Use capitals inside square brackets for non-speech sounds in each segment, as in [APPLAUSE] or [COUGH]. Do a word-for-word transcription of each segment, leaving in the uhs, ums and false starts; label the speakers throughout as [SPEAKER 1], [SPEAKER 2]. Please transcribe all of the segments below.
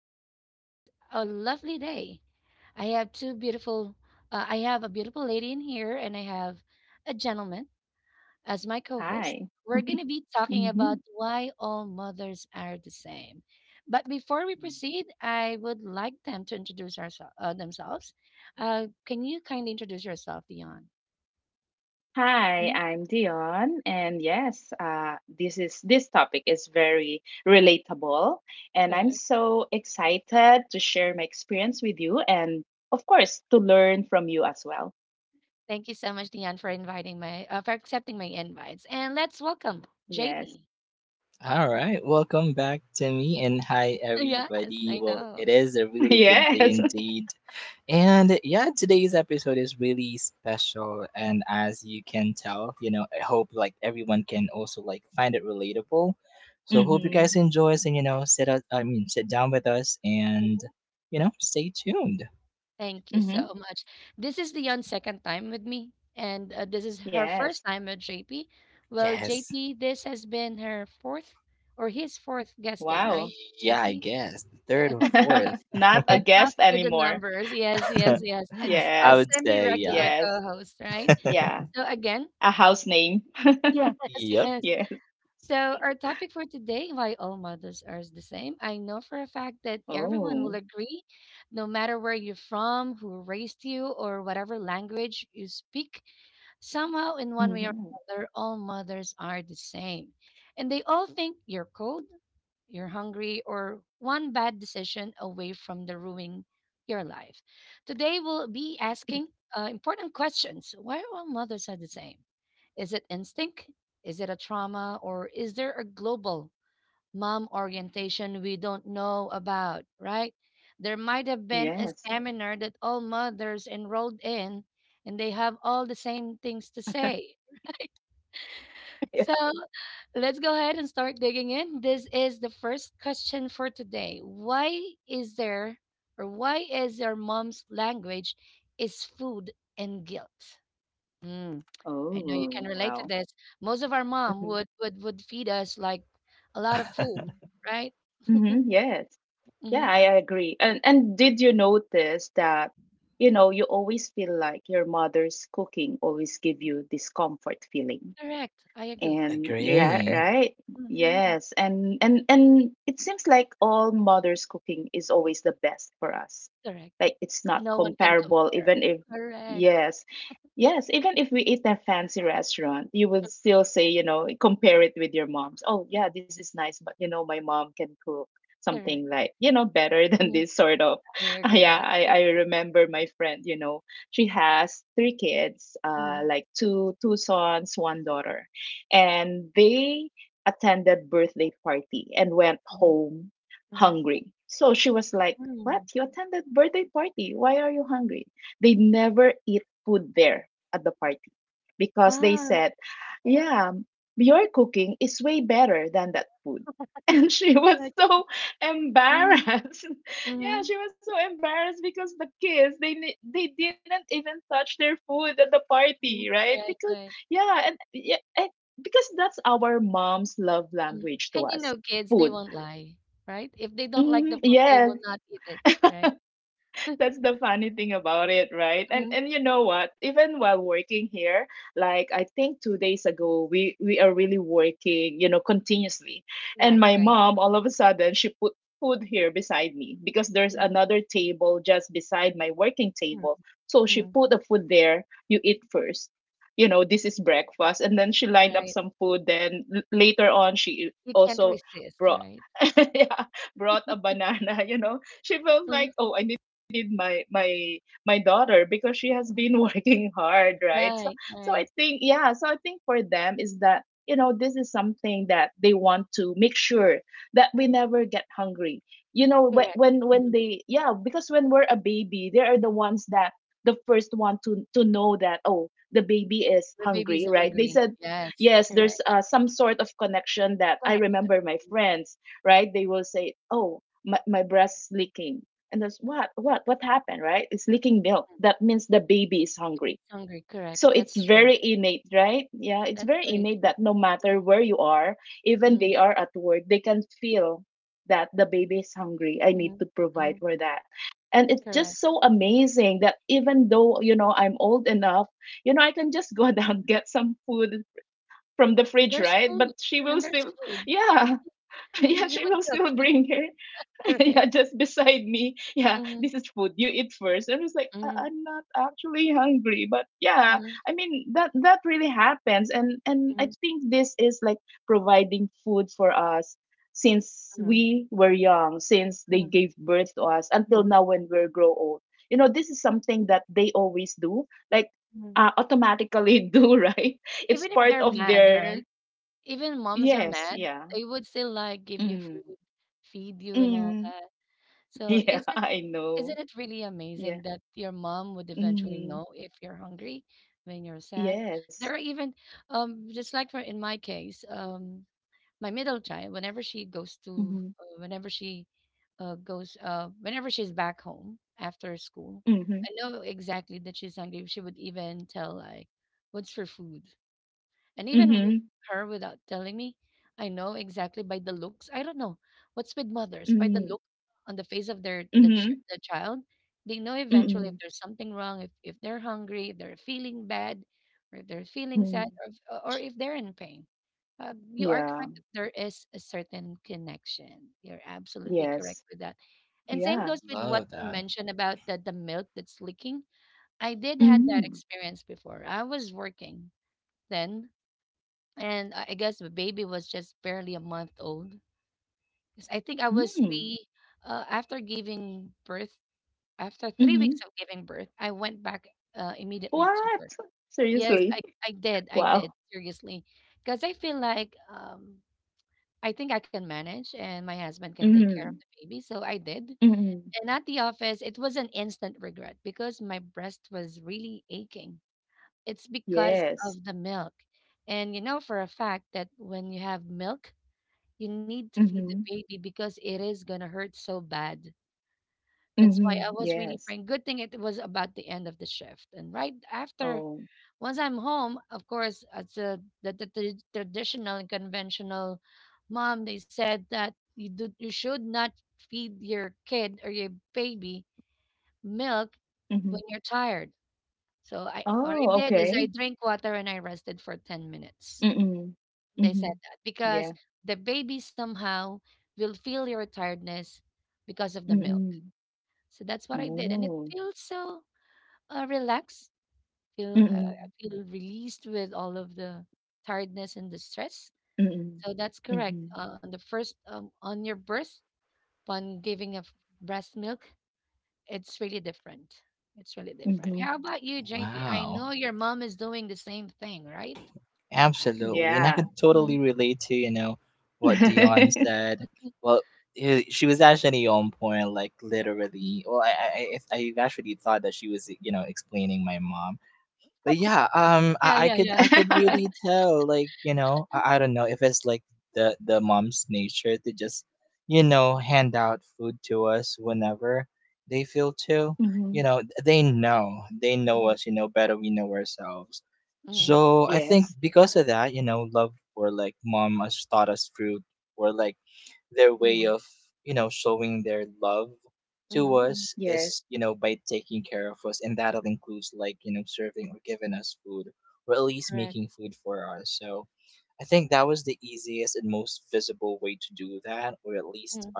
[SPEAKER 1] with G. It's a lovely day. I have two beautiful, uh, I have a beautiful lady in here, and I have a gentleman as my co host.
[SPEAKER 2] Hi.
[SPEAKER 1] We're going to be
[SPEAKER 2] [LAUGHS]
[SPEAKER 1] talking about
[SPEAKER 2] Mhm.
[SPEAKER 1] why all mothers are the same. But before we
[SPEAKER 2] Mm.
[SPEAKER 1] proceed, I would like them to introduce ourselves uh, themselves. Uh, can you kindly introduce yourself, Dion?
[SPEAKER 2] Hi,
[SPEAKER 1] Mhm,
[SPEAKER 2] I'm Dion, and yes, uh, this is this topic is very relatable, and I'm
[SPEAKER 1] correct.
[SPEAKER 2] so excited to share my experience with you, and of course, to learn from you as well.
[SPEAKER 1] Thank you so much, Dion, for inviting my, uh, for accepting my invites. And let's welcome
[SPEAKER 2] Yes,
[SPEAKER 1] J P. Yes, I know.
[SPEAKER 2] [LAUGHS] yes, mm-hmm.
[SPEAKER 1] Thank you so
[SPEAKER 2] Mm-hmm.
[SPEAKER 1] much. This is Leon's second time with me, and uh, this is her
[SPEAKER 2] Yes.
[SPEAKER 1] first time with J P. Well, J P, this has been her fourth or his fourth guesting, right?
[SPEAKER 2] Wow,
[SPEAKER 1] J P? Yeah.
[SPEAKER 2] [LAUGHS]
[SPEAKER 1] [LAUGHS]
[SPEAKER 2] not a
[SPEAKER 1] Got lost
[SPEAKER 2] guest
[SPEAKER 1] with the
[SPEAKER 2] anymore.
[SPEAKER 1] numbers. Yes, yes, yes. It's a
[SPEAKER 2] Yes,
[SPEAKER 1] semi regular co
[SPEAKER 2] yes,
[SPEAKER 1] host, right?
[SPEAKER 2] yeah,
[SPEAKER 1] So, again,
[SPEAKER 2] a house name. [LAUGHS]
[SPEAKER 1] yes, [LAUGHS] yes.
[SPEAKER 2] Yes.
[SPEAKER 1] So, our topic for today why all mothers are the same. I know for a fact that everyone will
[SPEAKER 2] Oh,
[SPEAKER 1] agree, no matter where you're from, who raised you, or whatever language you speak, somehow in one way or
[SPEAKER 2] mm-hmm.
[SPEAKER 1] another, all mothers are the same. And they all think you're cold, you're hungry, or one bad decision away from the ruining your life. Today, we'll be asking uh, important questions. Why all mothers are the same? Is it instinct? Is it a trauma? Or is there a global mom orientation we don't know about, right? There might have been a
[SPEAKER 2] Yes.
[SPEAKER 1] seminar that all mothers enrolled in and they have all the same things to say.
[SPEAKER 2] Yeah.
[SPEAKER 1] So let's go ahead and start digging in. This is the first question for today. Why is there or why is your mom's language is food and guilt? Mm, I know you can
[SPEAKER 2] Oh,
[SPEAKER 1] relate to
[SPEAKER 2] wow.
[SPEAKER 1] this. Most of our mom
[SPEAKER 2] hmm
[SPEAKER 1] would would would feed us like a lot of food, right?
[SPEAKER 2] hmm Yes. Yeah,
[SPEAKER 1] Mm-hmm.
[SPEAKER 2] I agree. And and did you notice that, you know, you always feel like your mother's cooking always give you this comfort feeling?
[SPEAKER 1] Correct. I agree.
[SPEAKER 2] And
[SPEAKER 1] Mhm,
[SPEAKER 2] yeah, right.
[SPEAKER 1] mhm, mhm.
[SPEAKER 2] Yes. And and and it seems like all mother's cooking is always the best for us.
[SPEAKER 1] Correct.
[SPEAKER 2] Like it's not
[SPEAKER 1] No one can
[SPEAKER 2] comparable
[SPEAKER 1] compare.
[SPEAKER 2] even if
[SPEAKER 1] Correct.
[SPEAKER 2] yes. Yes, even if we eat a fancy restaurant, you would still say, you know, compare it with your mom's. Oh, yeah, this is nice, but you know, my mom can cook something
[SPEAKER 1] Correct.
[SPEAKER 2] like, you know, better [LAUGHS] than
[SPEAKER 1] Mhm.
[SPEAKER 2] this sort of.
[SPEAKER 1] I
[SPEAKER 2] [LAUGHS]
[SPEAKER 1] agree. I
[SPEAKER 2] Yeah, I,
[SPEAKER 1] agree.
[SPEAKER 2] I remember my friend, you know, she has three kids, uh,
[SPEAKER 1] Mhm,
[SPEAKER 2] like two two sons, one daughter and they attended birthday party and went
[SPEAKER 1] mhm,
[SPEAKER 2] home
[SPEAKER 1] mhm.
[SPEAKER 2] hungry. So she was like,
[SPEAKER 1] Mm.
[SPEAKER 2] "What? You attended birthday party? Why are you hungry?" They never eat food there at the party because they
[SPEAKER 1] Ah,
[SPEAKER 2] said, "Yeah, your cooking is way better than that food." [LAUGHS] And she was
[SPEAKER 1] such.
[SPEAKER 2] so embarrassed. [LAUGHS] Yeah,
[SPEAKER 1] Mm-hmm.
[SPEAKER 2] she was so embarrassed because the kids they ni- they didn't even touch their food at the
[SPEAKER 1] Hmm.
[SPEAKER 2] party, right?
[SPEAKER 1] Right,
[SPEAKER 2] Because
[SPEAKER 1] right.
[SPEAKER 2] yeah, and yeah, because that's our mom's love
[SPEAKER 1] Mhm.
[SPEAKER 2] language
[SPEAKER 1] And
[SPEAKER 2] to
[SPEAKER 1] you know,
[SPEAKER 2] us
[SPEAKER 1] kids, they
[SPEAKER 2] food.
[SPEAKER 1] won't lie, right? If they don't like the
[SPEAKER 2] Mm,
[SPEAKER 1] food, they will
[SPEAKER 2] yes.
[SPEAKER 1] not eat it, right? [LAUGHS]
[SPEAKER 2] That's the funny thing about it, right? And
[SPEAKER 1] Hmm.
[SPEAKER 2] and you know what? Even while working here, like I think two days ago, we we are really working, you know, continuously.
[SPEAKER 1] Right,
[SPEAKER 2] And my
[SPEAKER 1] right.
[SPEAKER 2] mom, all of a sudden, she put food here beside me because there's
[SPEAKER 1] Mm-hmm.
[SPEAKER 2] another table just beside my working table. So
[SPEAKER 1] Hmm.
[SPEAKER 2] she put the food there. You eat first. You know, this is breakfast, and then she lined up
[SPEAKER 1] Right.
[SPEAKER 2] some food. Then l- later on, she
[SPEAKER 1] You can't
[SPEAKER 2] also
[SPEAKER 1] resist,
[SPEAKER 2] brought
[SPEAKER 1] right?
[SPEAKER 2] [LAUGHS] yeah brought a banana. [LAUGHS] You know, she feels
[SPEAKER 1] Mhm,
[SPEAKER 2] like, oh, I need need my my my daughter because she has
[SPEAKER 1] mhm.
[SPEAKER 2] been [LAUGHS] working hard right
[SPEAKER 1] Right,
[SPEAKER 2] so so
[SPEAKER 1] right.
[SPEAKER 2] I think yeah so I think for them is that you know this is something that they want to make sure that we never get hungry you know
[SPEAKER 1] Correct.
[SPEAKER 2] whe- when
[SPEAKER 1] Hmm.
[SPEAKER 2] when they yeah because when we're a baby they are the ones that the first one to to know that oh the baby is
[SPEAKER 1] The baby's
[SPEAKER 2] hungry right they
[SPEAKER 1] hungry.
[SPEAKER 2] said
[SPEAKER 1] Yes,
[SPEAKER 2] yes
[SPEAKER 1] correct.
[SPEAKER 2] there's uh, some sort of connection that I
[SPEAKER 1] Connection.
[SPEAKER 2] remember my friends right they will say oh my, my breast is leaking and that's what what what happened right it's leaking milk
[SPEAKER 1] Mhm.
[SPEAKER 2] that means the baby is hungry
[SPEAKER 1] Baby's hungry. Correct.
[SPEAKER 2] so it's
[SPEAKER 1] That's true.
[SPEAKER 2] very innate right yeah it's
[SPEAKER 1] That's
[SPEAKER 2] very
[SPEAKER 1] very
[SPEAKER 2] innate
[SPEAKER 1] true.
[SPEAKER 2] that no matter where you are even
[SPEAKER 1] Mm-hmm.
[SPEAKER 2] they are at work they can feel that the baby is hungry I
[SPEAKER 1] Hmm.
[SPEAKER 2] need to
[SPEAKER 1] Hmm.
[SPEAKER 2] provide for that and it's
[SPEAKER 1] Correct.
[SPEAKER 2] just so amazing that even though you know I'm old enough you know I can just go [LAUGHS] down get some food from the
[SPEAKER 1] And
[SPEAKER 2] fridge
[SPEAKER 1] there's
[SPEAKER 2] right
[SPEAKER 1] food.
[SPEAKER 2] but she will
[SPEAKER 1] And there's
[SPEAKER 2] still
[SPEAKER 1] food.
[SPEAKER 2] yeah [LAUGHS] yeah
[SPEAKER 1] You
[SPEAKER 2] she
[SPEAKER 1] would
[SPEAKER 2] will still
[SPEAKER 1] cook.
[SPEAKER 2] bring her
[SPEAKER 1] [LAUGHS]
[SPEAKER 2] [LAUGHS]
[SPEAKER 1] Correct.
[SPEAKER 2] yeah, just beside me. Yeah,
[SPEAKER 1] Mhm,
[SPEAKER 2] this is food. You eat first. And I was like,
[SPEAKER 1] mhm,
[SPEAKER 2] I- I'm not actually hungry, but yeah,
[SPEAKER 1] mhm,
[SPEAKER 2] I mean that that really happens, and and I
[SPEAKER 1] mhm,
[SPEAKER 2] think this is like providing food for us since
[SPEAKER 1] mhm,
[SPEAKER 2] we were young, since they
[SPEAKER 1] mhm,
[SPEAKER 2] gave birth to us until
[SPEAKER 1] mhm,
[SPEAKER 2] now when we're grow old. You know, this is something that they always do, like
[SPEAKER 1] mhm.
[SPEAKER 2] uh, automatically [LAUGHS] do, right? It's
[SPEAKER 1] Even if
[SPEAKER 2] part
[SPEAKER 1] they're
[SPEAKER 2] of
[SPEAKER 1] mad, right?
[SPEAKER 2] their
[SPEAKER 1] Even moms are
[SPEAKER 2] yes,
[SPEAKER 1] mad,
[SPEAKER 2] yeah.
[SPEAKER 1] they would still like give you
[SPEAKER 2] Mm,
[SPEAKER 1] food, feed you and all
[SPEAKER 2] mm,
[SPEAKER 1] that.
[SPEAKER 2] [LAUGHS]
[SPEAKER 1] So
[SPEAKER 2] yeah,
[SPEAKER 1] is it
[SPEAKER 2] I know.
[SPEAKER 1] isn't it really
[SPEAKER 2] Yeah.
[SPEAKER 1] amazing that your mom would eventually
[SPEAKER 2] Mhm.
[SPEAKER 1] know if you're hungry, when you're sad?
[SPEAKER 2] Yes.
[SPEAKER 1] There are even um just like for in my case, um my middle child, whenever she goes to,
[SPEAKER 2] Mhm.
[SPEAKER 1] uh, whenever she uh, goes, uh, whenever she's back home after school,
[SPEAKER 2] Mhm.
[SPEAKER 1] I know exactly that she's hungry. She would even tell like, "What's for food?" And even with
[SPEAKER 2] Mhm.
[SPEAKER 1] her without telling me, I know exactly by the looks. I don't know what's with mothers. By the look
[SPEAKER 2] Mhm.
[SPEAKER 1] on the face of their the, ch-
[SPEAKER 2] Mhm.
[SPEAKER 1] the child, they know eventually if
[SPEAKER 2] Mhm.
[SPEAKER 1] there's something wrong, if, if they're hungry, if they're feeling bad, or if they're feeling sad,
[SPEAKER 2] Mhm.
[SPEAKER 1] or if, or if they're in pain. Uh, you are
[SPEAKER 2] Yeah.
[SPEAKER 1] correct that there is a certain connection. You're absolutely correct
[SPEAKER 2] Yes.
[SPEAKER 1] with that. And same goes
[SPEAKER 2] Yeah.
[SPEAKER 1] with what you mentioned about the, the milk that's leaking. I did had that
[SPEAKER 2] Mhm.
[SPEAKER 1] experience before. I was working then and I I guess the baby was just barely a month old. 'Cause I think I was
[SPEAKER 2] Mhm.
[SPEAKER 1] three. Uh, after giving birth, After three weeks
[SPEAKER 2] Mhm.
[SPEAKER 1] of giving birth, I went back uh, immediately to
[SPEAKER 2] What?
[SPEAKER 1] work. Yes, I,
[SPEAKER 2] Seriously? [LAUGHS]
[SPEAKER 1] I did. I did
[SPEAKER 2] Wow.
[SPEAKER 1] seriously, because I feel like um, I think I can manage, and my husband can take care of the
[SPEAKER 2] Mhm.
[SPEAKER 1] baby. So I did.
[SPEAKER 2] Mhm.
[SPEAKER 1] And at the office, it was an instant regret because my breast was really aching. It's because
[SPEAKER 2] Yes.
[SPEAKER 1] of the milk. And you know for a fact that when you have milk you need to feed the
[SPEAKER 2] Mhm.
[SPEAKER 1] baby because it is gonna hurt so bad. That's why
[SPEAKER 2] Mhm.
[SPEAKER 1] I was really
[SPEAKER 2] Yes.
[SPEAKER 1] praying. Good thing it was about the end of the shift. And right after,
[SPEAKER 2] Oh.
[SPEAKER 1] once I'm home, of course, as a, the, the, the traditional and conventional mom, they said that you do you should not feed your kid or your baby milk
[SPEAKER 2] Mhm.
[SPEAKER 1] when you're tired. So I what I
[SPEAKER 2] Oh,
[SPEAKER 1] did is I
[SPEAKER 2] okay.
[SPEAKER 1] drank water and I rested for ten minutes.
[SPEAKER 2] Mhm.
[SPEAKER 1] They said
[SPEAKER 2] Mhm.
[SPEAKER 1] that
[SPEAKER 2] Yeah.
[SPEAKER 1] because the baby somehow will feel your tiredness because of the milk.
[SPEAKER 2] Mhm.
[SPEAKER 1] So that's what I did, and it
[SPEAKER 2] Oh.
[SPEAKER 1] feels so uh, relaxed. Feel uh,
[SPEAKER 2] Mhm.
[SPEAKER 1] I feel released with all of the tiredness and the stress.
[SPEAKER 2] Mhm.
[SPEAKER 1] So that's correct.
[SPEAKER 2] Mhm.
[SPEAKER 1] Uh, on the first um, On your birth, upon giving of breast milk, it's really different. It's really different.
[SPEAKER 2] Mhm.
[SPEAKER 1] How about you, J P? I know your mom is doing the same thing, right?
[SPEAKER 2] Yeah.
[SPEAKER 1] Mhm, mhm.
[SPEAKER 2] [LAUGHS]
[SPEAKER 1] Yeah, yeah, yeah. [LAUGHS] Right.
[SPEAKER 2] Mhm.
[SPEAKER 1] Mm-hmm. Mm-hmm.
[SPEAKER 2] Yes.
[SPEAKER 1] Mm-hmm. Mm-hmm, mm,
[SPEAKER 2] Yes.
[SPEAKER 1] correct. Mm,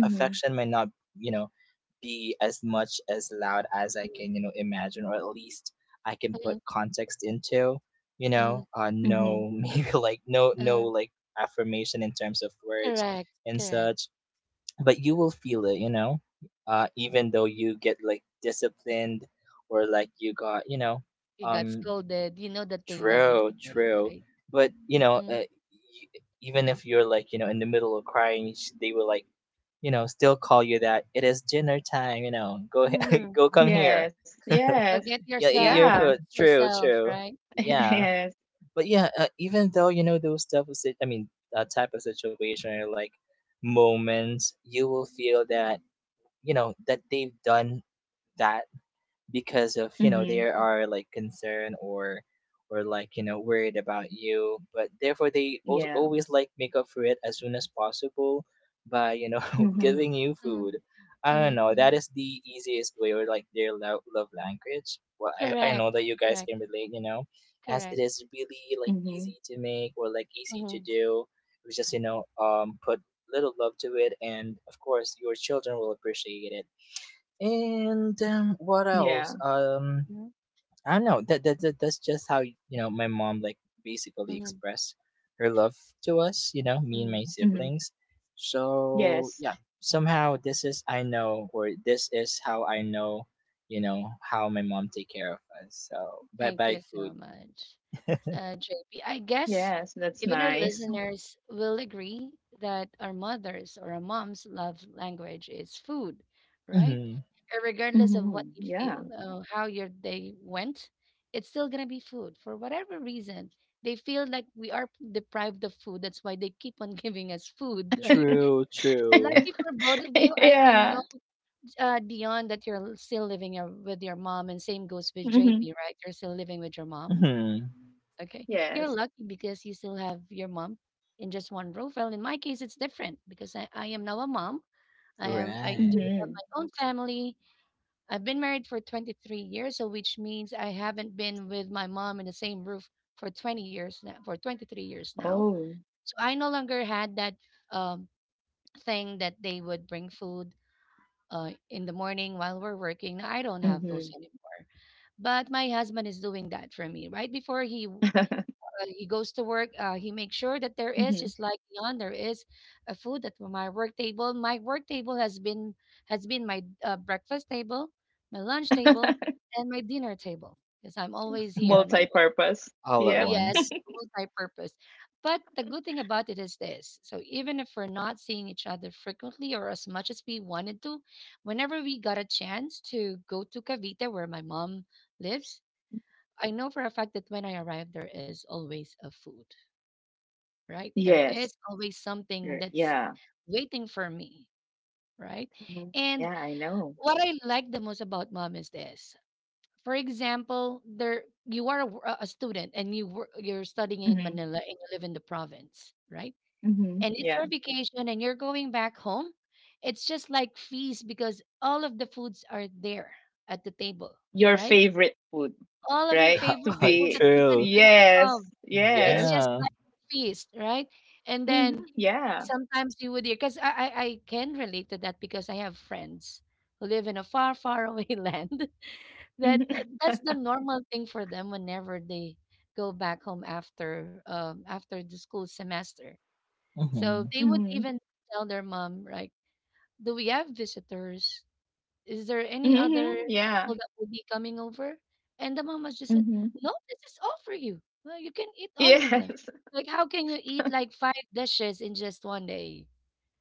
[SPEAKER 2] Mhm.
[SPEAKER 1] mhm, mhm, mhm,
[SPEAKER 2] Mhm.
[SPEAKER 1] uh-huh, correct, correct. You got scolded. You know that they love you still, right? Mm, mhm.
[SPEAKER 2] Yes.
[SPEAKER 1] Go
[SPEAKER 2] Yes.
[SPEAKER 1] get yourself. Go
[SPEAKER 2] Yeah.
[SPEAKER 1] fix yourself, right? Mm,
[SPEAKER 2] [LAUGHS] Yes.
[SPEAKER 1] mhm,
[SPEAKER 2] Mhm. Yeah. Mhm.
[SPEAKER 1] mhm, mhm, mhm. Correct, correct, correct.
[SPEAKER 2] Mhm.
[SPEAKER 1] Mhm,
[SPEAKER 2] Yeah.
[SPEAKER 1] mhm, mhm,
[SPEAKER 2] Mhm.
[SPEAKER 1] mhm.
[SPEAKER 2] Yes.
[SPEAKER 1] Thank you so much, uh, J P.
[SPEAKER 2] Yes,
[SPEAKER 1] Guess
[SPEAKER 2] that's
[SPEAKER 1] even our
[SPEAKER 2] nice.
[SPEAKER 1] listeners will agree that our mothers or our moms' love language is food, right? Uh, regardless of
[SPEAKER 2] Mhm.
[SPEAKER 1] what you
[SPEAKER 2] Yeah.
[SPEAKER 1] feel or how your day went, it's still gonna be food for whatever reason. They feel like we are deprived of food. That's why they keep on [LAUGHS] giving us food, right?
[SPEAKER 2] [LAUGHS]
[SPEAKER 1] Lucky for both of you. I, I know,
[SPEAKER 2] Yeah.
[SPEAKER 1] uh, Dion, that you're still living your, with your mom, and same goes with
[SPEAKER 2] Mhm.
[SPEAKER 1] J P, right? You're still living with your mom. Okay. You're
[SPEAKER 2] Yes.
[SPEAKER 1] lucky because you still have your mom in just one row. Well, in my case, it's different because I, I am now a mom. I am I do have
[SPEAKER 2] Mhm.
[SPEAKER 1] my own family. I've been married for twenty-three years, so which means I haven't been with my mom in the same roof for twenty years now, for twenty-three years now.
[SPEAKER 2] Oh.
[SPEAKER 1] So I no longer had that um, thing that they would bring food uh, in the morning while we're working. I don't have
[SPEAKER 2] Mhm.
[SPEAKER 1] those anymore. But my husband is doing that for me. Right before he w- uh, he goes to work. Uh, he makes sure that there is,
[SPEAKER 2] Mhm.
[SPEAKER 1] just like Dion, there is a food at my work table. My work table has been has been my uh, breakfast table, my lunch table,
[SPEAKER 2] [LAUGHS] [LAUGHS]
[SPEAKER 1] and my dinner table because I'm always here on my work.
[SPEAKER 2] Multi-purpose. Yep.
[SPEAKER 1] Yes, it's multi-purpose. But the good thing about it is this: so even if we're not seeing each other frequently or as much as we wanted to, whenever we got a chance to go to Cavite, where my mom lives, I know for a fact that when I arrive, there is always a food, right?
[SPEAKER 2] Yes.
[SPEAKER 1] There is always
[SPEAKER 2] Er,
[SPEAKER 1] something
[SPEAKER 2] Yeah.
[SPEAKER 1] that's waiting for me, right?
[SPEAKER 2] Mhm. Yeah,
[SPEAKER 1] And
[SPEAKER 2] I know.
[SPEAKER 1] what I like the most about mom is this. For example, there you are a, w- a student and you wor- you're studying in
[SPEAKER 2] hmm
[SPEAKER 1] Manila and you live in the province, right?
[SPEAKER 2] hmm
[SPEAKER 1] And it's
[SPEAKER 2] Yeah.
[SPEAKER 1] your vacation and you're going back home. It's just like feast because all of the foods are there at the table,
[SPEAKER 2] Your
[SPEAKER 1] right?
[SPEAKER 2] favorite food,
[SPEAKER 1] All of your
[SPEAKER 2] right? To
[SPEAKER 1] favorite food
[SPEAKER 2] be.
[SPEAKER 1] that you can think
[SPEAKER 2] Yes.
[SPEAKER 1] of. It's
[SPEAKER 2] Yes.
[SPEAKER 1] just like a feast, right? And
[SPEAKER 2] hmm
[SPEAKER 1] then
[SPEAKER 2] Yeah.
[SPEAKER 1] sometimes you would hear, because I, I I can relate to that because I have friends who live in a far, far away [LAUGHS] land that uh,
[SPEAKER 2] hmm
[SPEAKER 1] that's the normal thing for them whenever they go back home after um after the school semester. So they would
[SPEAKER 2] hmm
[SPEAKER 1] even tell their mom, like, do we have visitors? Is there any
[SPEAKER 2] hmm
[SPEAKER 1] other
[SPEAKER 2] [LAUGHS] Yeah.
[SPEAKER 1] people that will be coming over? And the mom was just said,
[SPEAKER 2] hmm
[SPEAKER 1] no, this is all for you. Well, you can eat all of them.
[SPEAKER 2] Yes. [LAUGHS]
[SPEAKER 1] Like, how can you eat like five dishes in just one day?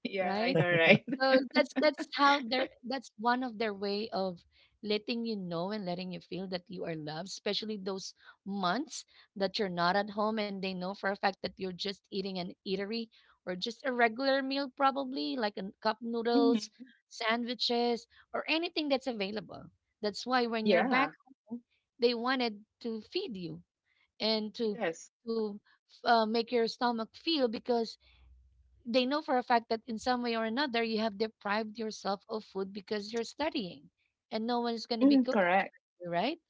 [SPEAKER 2] Yeah, I
[SPEAKER 1] Right?
[SPEAKER 2] know, right?
[SPEAKER 1] So
[SPEAKER 2] [LAUGHS]
[SPEAKER 1] that's that's how their that's one of their way of letting you know and letting you feel that you are loved, especially those months that you're not at home and they know for a fact that you're just eating an eatery or just a regular meal probably like a cup noodles,
[SPEAKER 2] hmm
[SPEAKER 1] sandwiches, or anything that's available. That's why when you're back
[SPEAKER 2] Yeah.
[SPEAKER 1] home, they wanted to feed you and to
[SPEAKER 2] Yes.
[SPEAKER 1] to uh, make your stomach feel because they know for a fact that in some way or another you have deprived yourself of food because you're studying and no one is going to be
[SPEAKER 2] Mm,
[SPEAKER 1] cooking
[SPEAKER 2] correct.
[SPEAKER 1] for you, right?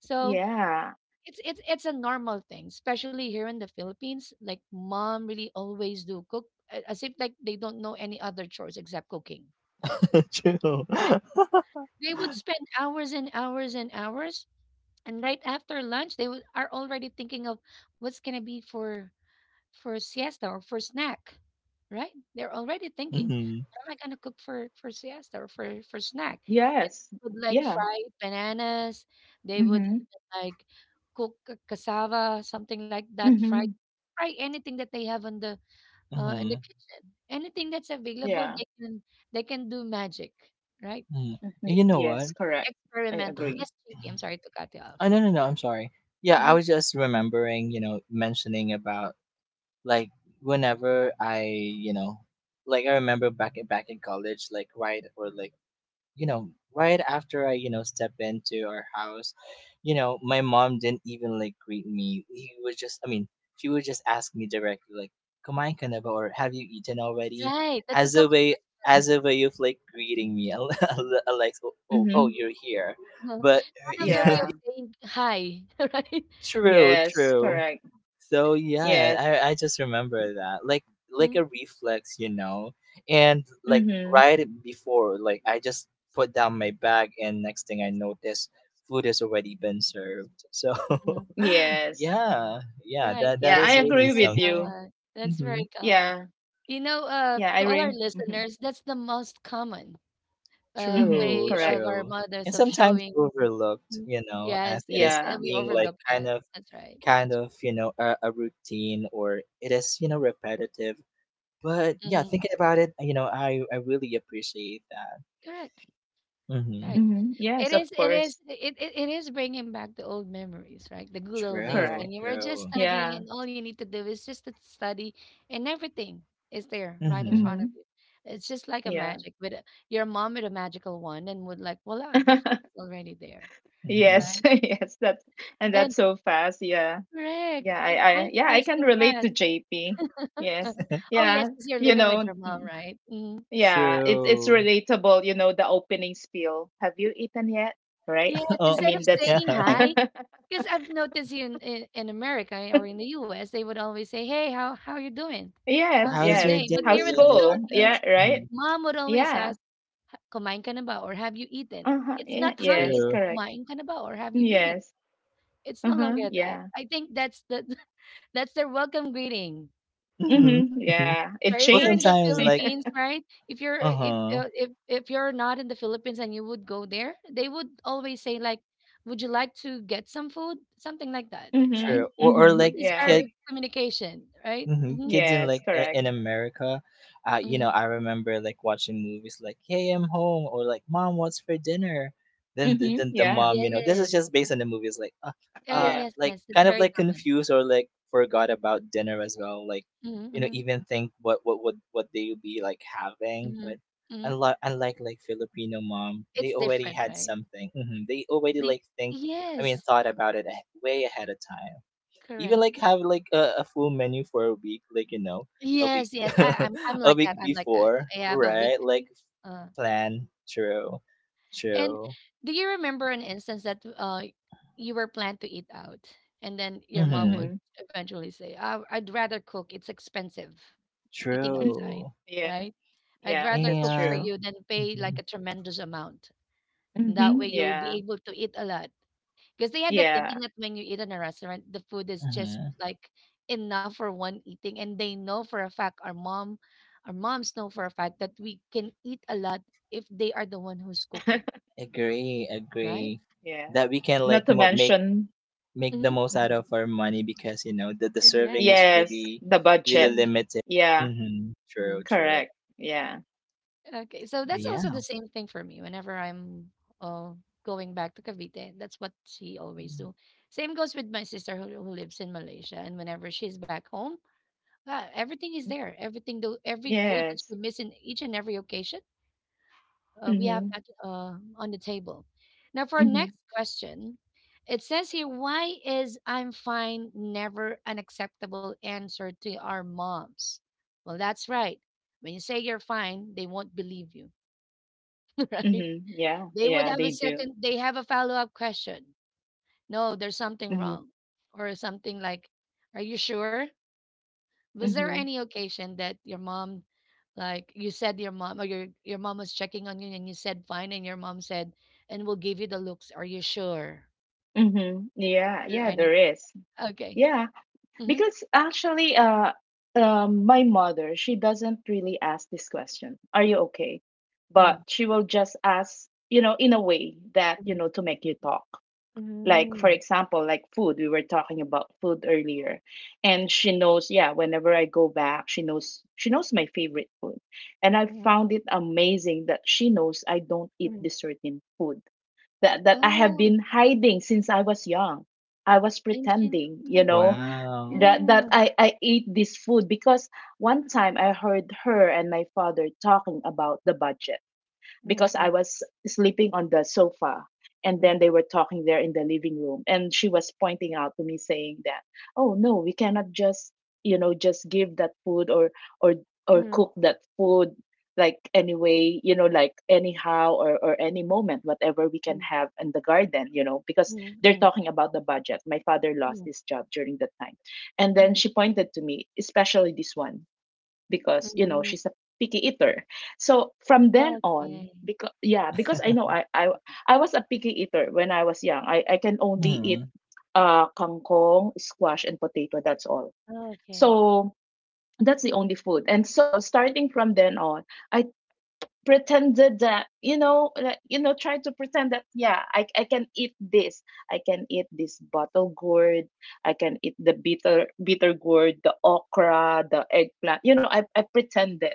[SPEAKER 1] So
[SPEAKER 2] Yeah.
[SPEAKER 1] it's it's it's a normal thing, especially here in the Philippines. Like mom really always do cook a- as if like they don't know any other chores except cooking. They would spend hours and hours and hours, and right after lunch they would, are already thinking of what's going to be for for siesta or for snack, right? They're already thinking, what am I gonna cook for for siesta or for for snack? And
[SPEAKER 2] Yes.
[SPEAKER 1] they would like
[SPEAKER 2] Yeah.
[SPEAKER 1] fry bananas. They would
[SPEAKER 2] hmm
[SPEAKER 1] even like cook a cassava, something like that. Fry
[SPEAKER 2] hmm
[SPEAKER 1] fry anything that they have on the uh, in the kitchen. Anything that's available,
[SPEAKER 2] Yeah.
[SPEAKER 1] they can they can do magic, right?
[SPEAKER 2] hmm
[SPEAKER 1] They
[SPEAKER 2] Yes,
[SPEAKER 1] can be
[SPEAKER 2] correct. I
[SPEAKER 1] experimental.
[SPEAKER 2] agree.
[SPEAKER 1] Yes, J P, I'm sorry to cut you off. Mhm. Right, that's a common.
[SPEAKER 2] hmm hmm
[SPEAKER 1] uh Kind of their way of
[SPEAKER 2] Yeah.
[SPEAKER 1] saying hi, [LAUGHS] right?
[SPEAKER 2] Yes, correct. Yes.
[SPEAKER 1] Mhm.
[SPEAKER 2] Mm-hmm.
[SPEAKER 1] Mhm.
[SPEAKER 2] Yes.
[SPEAKER 1] Right.
[SPEAKER 2] Yeah, I
[SPEAKER 1] That's
[SPEAKER 2] agree
[SPEAKER 1] very
[SPEAKER 2] with you.
[SPEAKER 1] common. That's very common.
[SPEAKER 2] Yeah.
[SPEAKER 1] You know, uh,
[SPEAKER 2] Yeah, I
[SPEAKER 1] to all our
[SPEAKER 2] agree. Mm-hmm.
[SPEAKER 1] listeners, that's the most common uh,
[SPEAKER 2] Mm-hmm.
[SPEAKER 1] way
[SPEAKER 2] Correct.
[SPEAKER 1] of our mothers of showing. Mhm. Yes, yes. And
[SPEAKER 2] Yeah.
[SPEAKER 1] we overlook that. That's right. That's Mhm. correct. Right.
[SPEAKER 2] Mm-hmm. Yes,
[SPEAKER 1] It
[SPEAKER 2] of
[SPEAKER 1] is, it is,
[SPEAKER 2] course.
[SPEAKER 1] it, it, it is bringing back the old memories, right? The good old days
[SPEAKER 2] Correct.
[SPEAKER 1] when you were just studying
[SPEAKER 2] Yeah.
[SPEAKER 1] and all you need to do is just to study, and everything is there right in front
[SPEAKER 2] Mm-hmm.
[SPEAKER 1] of you. It's just like a
[SPEAKER 2] Yeah.
[SPEAKER 1] magic with a, your mom with a magical wand and would like, voila, the food
[SPEAKER 2] [LAUGHS]
[SPEAKER 1] is already there,
[SPEAKER 2] Yes.
[SPEAKER 1] right?
[SPEAKER 2] [LAUGHS] Yes. That's and that's
[SPEAKER 1] And
[SPEAKER 2] so fast. Yeah.
[SPEAKER 1] correct,
[SPEAKER 2] Yeah. I,
[SPEAKER 1] it,
[SPEAKER 2] I
[SPEAKER 1] time
[SPEAKER 2] yeah, I
[SPEAKER 1] flies
[SPEAKER 2] can
[SPEAKER 1] so
[SPEAKER 2] relate
[SPEAKER 1] fast.
[SPEAKER 2] to J P. Yes.
[SPEAKER 1] [LAUGHS] Oh, yes,
[SPEAKER 2] Yeah.
[SPEAKER 1] because you're
[SPEAKER 2] You
[SPEAKER 1] living
[SPEAKER 2] know,
[SPEAKER 1] with your mom, right? Mhm.
[SPEAKER 2] yeah, it's it's relatable, you know, the opening spiel. Have you eaten yet? Right?
[SPEAKER 1] Yes,
[SPEAKER 2] I
[SPEAKER 1] instead of
[SPEAKER 2] mean, that's
[SPEAKER 1] saying
[SPEAKER 2] [LAUGHS]
[SPEAKER 1] hi, because I've noticed here in, in, in America or in the U S, they would always say, Hey, how, how you doing?
[SPEAKER 2] Yes,
[SPEAKER 1] How's your
[SPEAKER 2] yes.
[SPEAKER 1] day? But
[SPEAKER 2] How's
[SPEAKER 1] here in the
[SPEAKER 2] school? Yeah,
[SPEAKER 1] Philippines,
[SPEAKER 2] right?
[SPEAKER 1] mom would always
[SPEAKER 2] Yeah.
[SPEAKER 1] ask, "Ha- Kumain ka na ba? Or have you eaten?"
[SPEAKER 2] Uh-huh.
[SPEAKER 1] It's
[SPEAKER 2] Yeah.
[SPEAKER 1] not hi,
[SPEAKER 2] Yes,
[SPEAKER 1] it's
[SPEAKER 2] correct.
[SPEAKER 1] kumain ka na ba? Or have you eaten?
[SPEAKER 2] Yes.
[SPEAKER 1] It's no
[SPEAKER 2] Uh-huh.
[SPEAKER 1] longer that.
[SPEAKER 2] Yeah.
[SPEAKER 1] I think that's the [LAUGHS] that's their welcome greeting.
[SPEAKER 2] Mm-hmm. Yeah. It
[SPEAKER 1] So if you're in
[SPEAKER 2] changed.
[SPEAKER 1] the
[SPEAKER 2] [LAUGHS] Yeah.
[SPEAKER 1] Philippines, right? If you're if uh, if if you're not in the Philippines and you would go there, they would always say like, "Would you like to get some food?" Something like that, right?
[SPEAKER 2] Mm-hmm. Mm-hmm.
[SPEAKER 1] Food is
[SPEAKER 2] Yeah.
[SPEAKER 1] our communication, right? Mhm,
[SPEAKER 2] Yes, correct.
[SPEAKER 1] mhm.
[SPEAKER 2] Mm-hmm. Yeah.
[SPEAKER 1] Yes. Yeah,
[SPEAKER 2] Yeah.
[SPEAKER 1] yes, yes, it's very common. Mhm, mhm, mhm, mhm. It's different, right? The Yes, correct. Yes, yes, I I'm I'm like that, I'm like that. I have a week. Uh, and do you remember an instance that uh you were planned to eat out and then your mom
[SPEAKER 2] Mm-hmm.
[SPEAKER 1] would eventually say, "Oh, I'd rather cook, it's expensive." Eating
[SPEAKER 2] Mm-hmm.
[SPEAKER 1] outside,
[SPEAKER 2] Yes.
[SPEAKER 1] right? I'd
[SPEAKER 2] Yeah,
[SPEAKER 1] rather
[SPEAKER 2] that's
[SPEAKER 1] cook for
[SPEAKER 2] true.
[SPEAKER 1] you than pay like a tremendous amount. That way
[SPEAKER 2] Mm-hmm.
[SPEAKER 1] you'll be
[SPEAKER 2] Yeah.
[SPEAKER 1] able to eat a lot. Because they had the
[SPEAKER 2] Yeah.
[SPEAKER 1] thinking that when you eat in a restaurant, the food is just like enough for one eating. And they know for a fact, our mom, our moms know for a fact that we can eat a lot if they are the one who's cooking,
[SPEAKER 2] [LAUGHS]
[SPEAKER 1] right?
[SPEAKER 2] Yeah. Not to mention,
[SPEAKER 1] Mm-hmm.
[SPEAKER 2] Mhm.
[SPEAKER 1] Correct.
[SPEAKER 2] yes, the budget. Yeah,
[SPEAKER 1] Mm-hmm.
[SPEAKER 2] correct. Yeah.
[SPEAKER 1] Okay, so that's also the same thing for me whenever I'm uh, going back to Cavite. That's what she always do. Same goes with my sister who, who lives in Malaysia, and whenever she's back home, uh, everything is there. Everything, do every food that
[SPEAKER 2] Yes.
[SPEAKER 1] she miss in each and every occasion, uh, we have
[SPEAKER 2] Mm-hmm.
[SPEAKER 1] that uh, on the table. Now, for our
[SPEAKER 2] Mm-hmm.
[SPEAKER 1] next question, it says here, why is "I'm fine" never an acceptable answer to our moms? Well, that's right. When you say you're fine, they won't believe you, [LAUGHS] right?
[SPEAKER 2] Mhm. Yeah.
[SPEAKER 1] They would
[SPEAKER 2] Yeah,
[SPEAKER 1] have a
[SPEAKER 2] they do.
[SPEAKER 1] second, they have a follow up question. No, there's something
[SPEAKER 2] Mhm.
[SPEAKER 1] wrong. Or something like, Are you sure? Was there
[SPEAKER 2] Mhm.
[SPEAKER 1] any occasion that your mom, like you said, your mom or your, your mom was checking on you and you said fine, and your mom said, and will give you the looks. Are you sure?
[SPEAKER 2] Mhm.
[SPEAKER 1] Is
[SPEAKER 2] Yeah.
[SPEAKER 1] there
[SPEAKER 2] Yeah, there
[SPEAKER 1] any?
[SPEAKER 2] is.
[SPEAKER 1] Okay.
[SPEAKER 2] Yeah,
[SPEAKER 1] Mm-hmm.
[SPEAKER 2] because actually uh um my mother, she doesn't really ask this question. Are you okay? But
[SPEAKER 1] Mm-hmm.
[SPEAKER 2] she will just ask, you know, in a way that, you
[SPEAKER 1] Mm-hmm.
[SPEAKER 2] know, to make you talk. Like for example, like food, we were talking about food earlier. And she knows, yeah, whenever I go back, she knows she knows my favorite food. And I
[SPEAKER 1] Mm-hmm.
[SPEAKER 2] found it amazing that she knows I don't eat
[SPEAKER 1] Mm-hmm.
[SPEAKER 2] this certain food that that I have
[SPEAKER 1] Oh,
[SPEAKER 2] been hiding since I was young. I was
[SPEAKER 1] and she.
[SPEAKER 2] pretending, you know,
[SPEAKER 1] Mm-hmm.
[SPEAKER 2] that that
[SPEAKER 1] Mm-hmm.
[SPEAKER 2] I I ate this food because one time I heard her and my father talking about the budget because I
[SPEAKER 1] Mm-hmm.
[SPEAKER 2] was sleeping on the sofa. And then
[SPEAKER 1] Mm-hmm.
[SPEAKER 2] they were talking there in the living room. And she was pointing out to me saying that, oh no, we cannot just, you know, just give that food or or or
[SPEAKER 1] Mm-hmm.
[SPEAKER 2] cook that food like anyway, you know, like anyhow or, or any moment, whatever we can have in the garden, you know, because they're
[SPEAKER 1] Mm-hmm.
[SPEAKER 2] talking about the budget. My father lost his job during that time. And then she pointed to me, especially this one because you know
[SPEAKER 1] Mm-hmm.
[SPEAKER 2] she's a picky eater so from then
[SPEAKER 1] Okay.
[SPEAKER 2] on because yeah because i know i i, I was a picky eater when i was young i, I can only
[SPEAKER 1] Mm,
[SPEAKER 2] eat uh kangkong, squash and potato, that's all,
[SPEAKER 1] okay.
[SPEAKER 2] so that's the only food and so starting from then on I pretended that you know like you know trying to pretend that yeah I, I can eat this, I can eat this bottle gourd, I can eat the bitter bitter gourd, the okra, the eggplant, you know, i, I pretended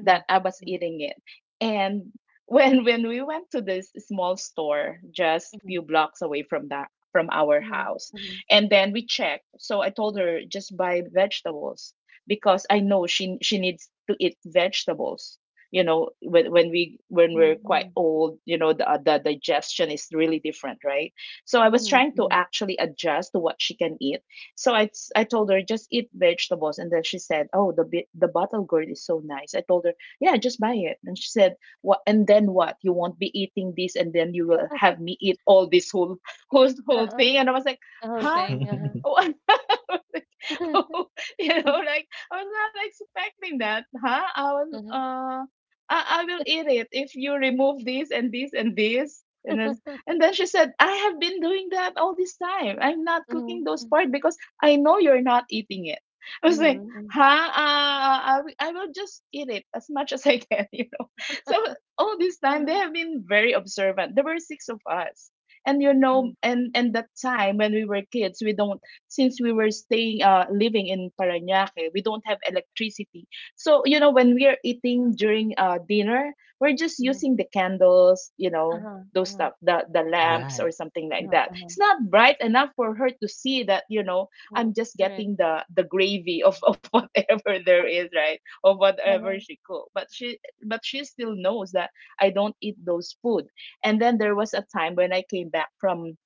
[SPEAKER 2] that I was
[SPEAKER 1] mhm,
[SPEAKER 2] eating it and [LAUGHS] when when we went to this small store just
[SPEAKER 1] mhm,
[SPEAKER 2] few blocks away from that from our
[SPEAKER 1] mhm,
[SPEAKER 2] house
[SPEAKER 1] mhm,
[SPEAKER 2] and then we checked so I told her just buy vegetables because I know she she needs to eat vegetables you know when when we when
[SPEAKER 1] mhm,
[SPEAKER 2] we're quite
[SPEAKER 1] mhm,
[SPEAKER 2] old you know the, uh, the digestion is really different right so I was
[SPEAKER 1] mhm,
[SPEAKER 2] trying to
[SPEAKER 1] mhm.
[SPEAKER 2] actually adjust to what she can eat so i i told her just eat vegetables and then she said oh the bi- the bottle gourd is so nice I told her yeah just buy it and she said what and then what you won't be eating this and then you will have me eat all this whole [LAUGHS] whole whole
[SPEAKER 1] Uh-uh.
[SPEAKER 2] thing and I was like
[SPEAKER 1] The whole
[SPEAKER 2] huh.
[SPEAKER 1] thing. Uh-huh.
[SPEAKER 2] Oh, [LAUGHS] I was like,
[SPEAKER 1] [LAUGHS]
[SPEAKER 2] oh, [LAUGHS] you know, like I was not expecting that, huh? I was,
[SPEAKER 1] Mhm.
[SPEAKER 2] uh, I, I will eat it if you remove this and this and this. And then, and then
[SPEAKER 1] [LAUGHS]
[SPEAKER 2] she said, I have been doing that all this time. I'm not cooking those
[SPEAKER 1] Mhm,
[SPEAKER 2] part because I know you're not eating it. [LAUGHS] I was like,
[SPEAKER 1] mhm,
[SPEAKER 2] huh? Uh, I, will- I will just eat it as much [LAUGHS] as I can, [LAUGHS] you know. So all this time they
[SPEAKER 1] mhm, [LAUGHS]
[SPEAKER 2] have been very observant. There were six of us and you know and and that time when we were kids we don't since we were staying uh, living in Parañaque, we don't have electricity. So you know when we are eating during uh, dinner, we're just using the candles, you know,
[SPEAKER 1] Uh-huh.
[SPEAKER 2] those
[SPEAKER 1] Uh huh.
[SPEAKER 2] stuff, the the lamps or something
[SPEAKER 1] mhm,
[SPEAKER 2] like
[SPEAKER 1] Uh-huh.
[SPEAKER 2] that.
[SPEAKER 1] Uh-huh. Uh huh.
[SPEAKER 2] It's not bright enough for her to see that you know I'm
[SPEAKER 1] mhm,
[SPEAKER 2] just
[SPEAKER 1] Correct.
[SPEAKER 2] getting the the gravy of of [LAUGHS] whatever there is, right? Of whatever
[SPEAKER 1] Uh-huh.
[SPEAKER 2] she cook. But she but she still knows that I don't eat those food. And then there was a time when I came back from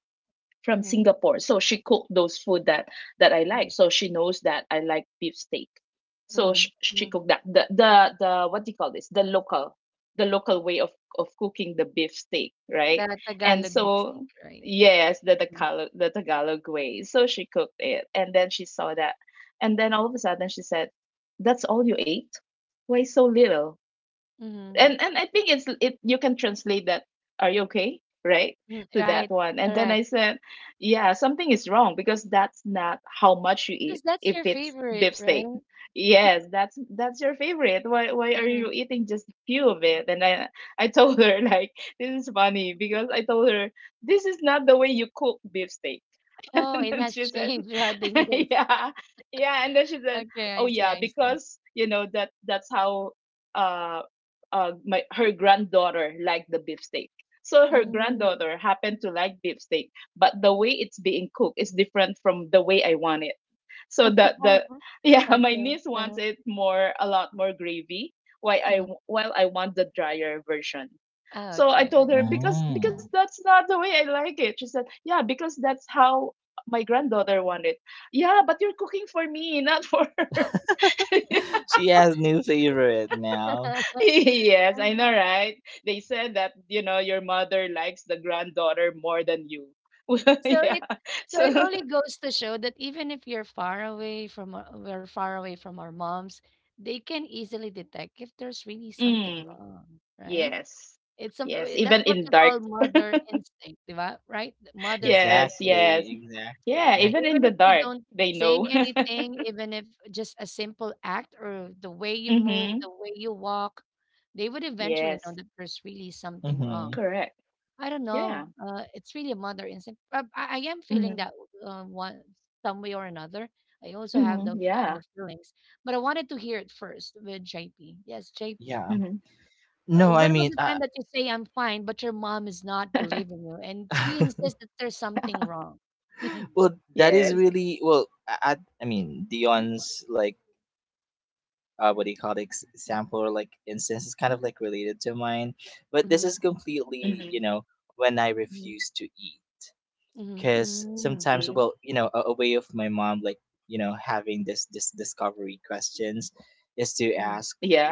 [SPEAKER 2] from
[SPEAKER 1] mhm,
[SPEAKER 2] Singapore. So she cooked those food that that I
[SPEAKER 1] mhm,
[SPEAKER 2] like. So she knows that I like beef steak. So
[SPEAKER 1] mhm,
[SPEAKER 2] she, she
[SPEAKER 1] mhm,
[SPEAKER 2] cooked that the the the what do you call this? The local the local way of of cooking the beef steak, right?
[SPEAKER 1] The
[SPEAKER 2] And
[SPEAKER 1] Tagalog lipstick,
[SPEAKER 2] so
[SPEAKER 1] right?
[SPEAKER 2] yes, the
[SPEAKER 1] mhm.
[SPEAKER 2] Tagalog the Tagalog way. So she cooked it, and then she saw that, and then all of a sudden she said, "That's all you ate? Why so little?"
[SPEAKER 1] Mm-hmm.
[SPEAKER 2] and and I think it's it you can translate that, are you okay, right,
[SPEAKER 1] Mm,
[SPEAKER 2] to that
[SPEAKER 1] Right.
[SPEAKER 2] one. And then
[SPEAKER 1] Correct.
[SPEAKER 2] I said, yeah, something is wrong, because that's not how much you eat
[SPEAKER 1] Because that's
[SPEAKER 2] if
[SPEAKER 1] your
[SPEAKER 2] it's
[SPEAKER 1] favorite,
[SPEAKER 2] beefsteak.
[SPEAKER 1] right?
[SPEAKER 2] Yes, that's that's your favorite. Why why are
[SPEAKER 1] Mm-hmm.
[SPEAKER 2] you eating just a few of it? And I I told her [LAUGHS] like, this is funny, because I told her, this is not the way you cook beefsteak. [LAUGHS]
[SPEAKER 1] Oh,
[SPEAKER 2] And
[SPEAKER 1] it
[SPEAKER 2] then
[SPEAKER 1] has
[SPEAKER 2] she
[SPEAKER 1] [LAUGHS]
[SPEAKER 2] said,
[SPEAKER 1] changed throughout the
[SPEAKER 2] [LAUGHS]
[SPEAKER 1] years. [LAUGHS]
[SPEAKER 2] yeah, yeah. And then she said,
[SPEAKER 1] Okay, I
[SPEAKER 2] oh
[SPEAKER 1] see,
[SPEAKER 2] yeah,
[SPEAKER 1] I see.
[SPEAKER 2] because you know that that's how uh uh my her granddaughter liked the beefsteak. So her
[SPEAKER 1] Mm.
[SPEAKER 2] granddaughter happened to like beefsteak, but the way it's being cooked is different from the way I want it. So the the
[SPEAKER 1] [LAUGHS]
[SPEAKER 2] yeah, [LAUGHS]
[SPEAKER 1] Okay.
[SPEAKER 2] my niece
[SPEAKER 1] Uh-huh.
[SPEAKER 2] wants it more, a lot more gravy. Why I
[SPEAKER 1] Mhm.
[SPEAKER 2] While I want the drier version.
[SPEAKER 1] Ah,
[SPEAKER 2] So I
[SPEAKER 1] Okay, I
[SPEAKER 2] told her,
[SPEAKER 1] see.
[SPEAKER 2] because because that's not the way I like it. She said, yeah, because that's how my granddaughter wanted. Yeah, but you're cooking for me, not for her. [LAUGHS]
[SPEAKER 1] [LAUGHS]
[SPEAKER 2] Yes, I know, right? They said that, you know, your mother likes the granddaughter more than you. [LAUGHS]
[SPEAKER 1] So
[SPEAKER 2] Yeah.
[SPEAKER 1] it so it
[SPEAKER 2] So
[SPEAKER 1] only goes to show that even if you're far away from our, we're far away from our moms, they can easily detect if there's really something
[SPEAKER 2] mm,
[SPEAKER 1] wrong, right?
[SPEAKER 2] yes,
[SPEAKER 1] It's some uh,
[SPEAKER 2] yes,
[SPEAKER 1] that's
[SPEAKER 2] even
[SPEAKER 1] what
[SPEAKER 2] in
[SPEAKER 1] you
[SPEAKER 2] dark.
[SPEAKER 1] call mother instinct, di ba? Right? Mother's
[SPEAKER 2] Yes,
[SPEAKER 1] instinct.
[SPEAKER 2] yes. Yeah,
[SPEAKER 1] Yeah,
[SPEAKER 2] even in
[SPEAKER 1] even
[SPEAKER 2] the
[SPEAKER 1] if you
[SPEAKER 2] dark,
[SPEAKER 1] don't
[SPEAKER 2] they
[SPEAKER 1] say
[SPEAKER 2] know. [LAUGHS]
[SPEAKER 1] anything, even if just a simple act or the way you move,
[SPEAKER 2] hmm
[SPEAKER 1] the way you walk, they would eventually know
[SPEAKER 2] Yes,
[SPEAKER 1] that there's really something wrong.
[SPEAKER 2] correct.
[SPEAKER 1] I don't know.
[SPEAKER 2] Yeah.
[SPEAKER 1] Uh, it's really a mother instinct. Uh, I, I am feeling
[SPEAKER 2] hmm
[SPEAKER 1] that uh, one some way or another. I also have
[SPEAKER 2] hmm
[SPEAKER 1] those kind
[SPEAKER 2] Yeah.
[SPEAKER 1] of feelings, but I wanted to hear it first with J P. Yes, J P.
[SPEAKER 2] hmm
[SPEAKER 1] Uh, when was the time that you say I'm fine, but your mom is not
[SPEAKER 2] [LAUGHS]
[SPEAKER 1] believing you, and she insists that there's something wrong? [LAUGHS]
[SPEAKER 2] Yes.
[SPEAKER 1] hmm
[SPEAKER 2] hmm
[SPEAKER 1] Mhm, mm,
[SPEAKER 2] hmm
[SPEAKER 1] mhm,
[SPEAKER 2] Yeah.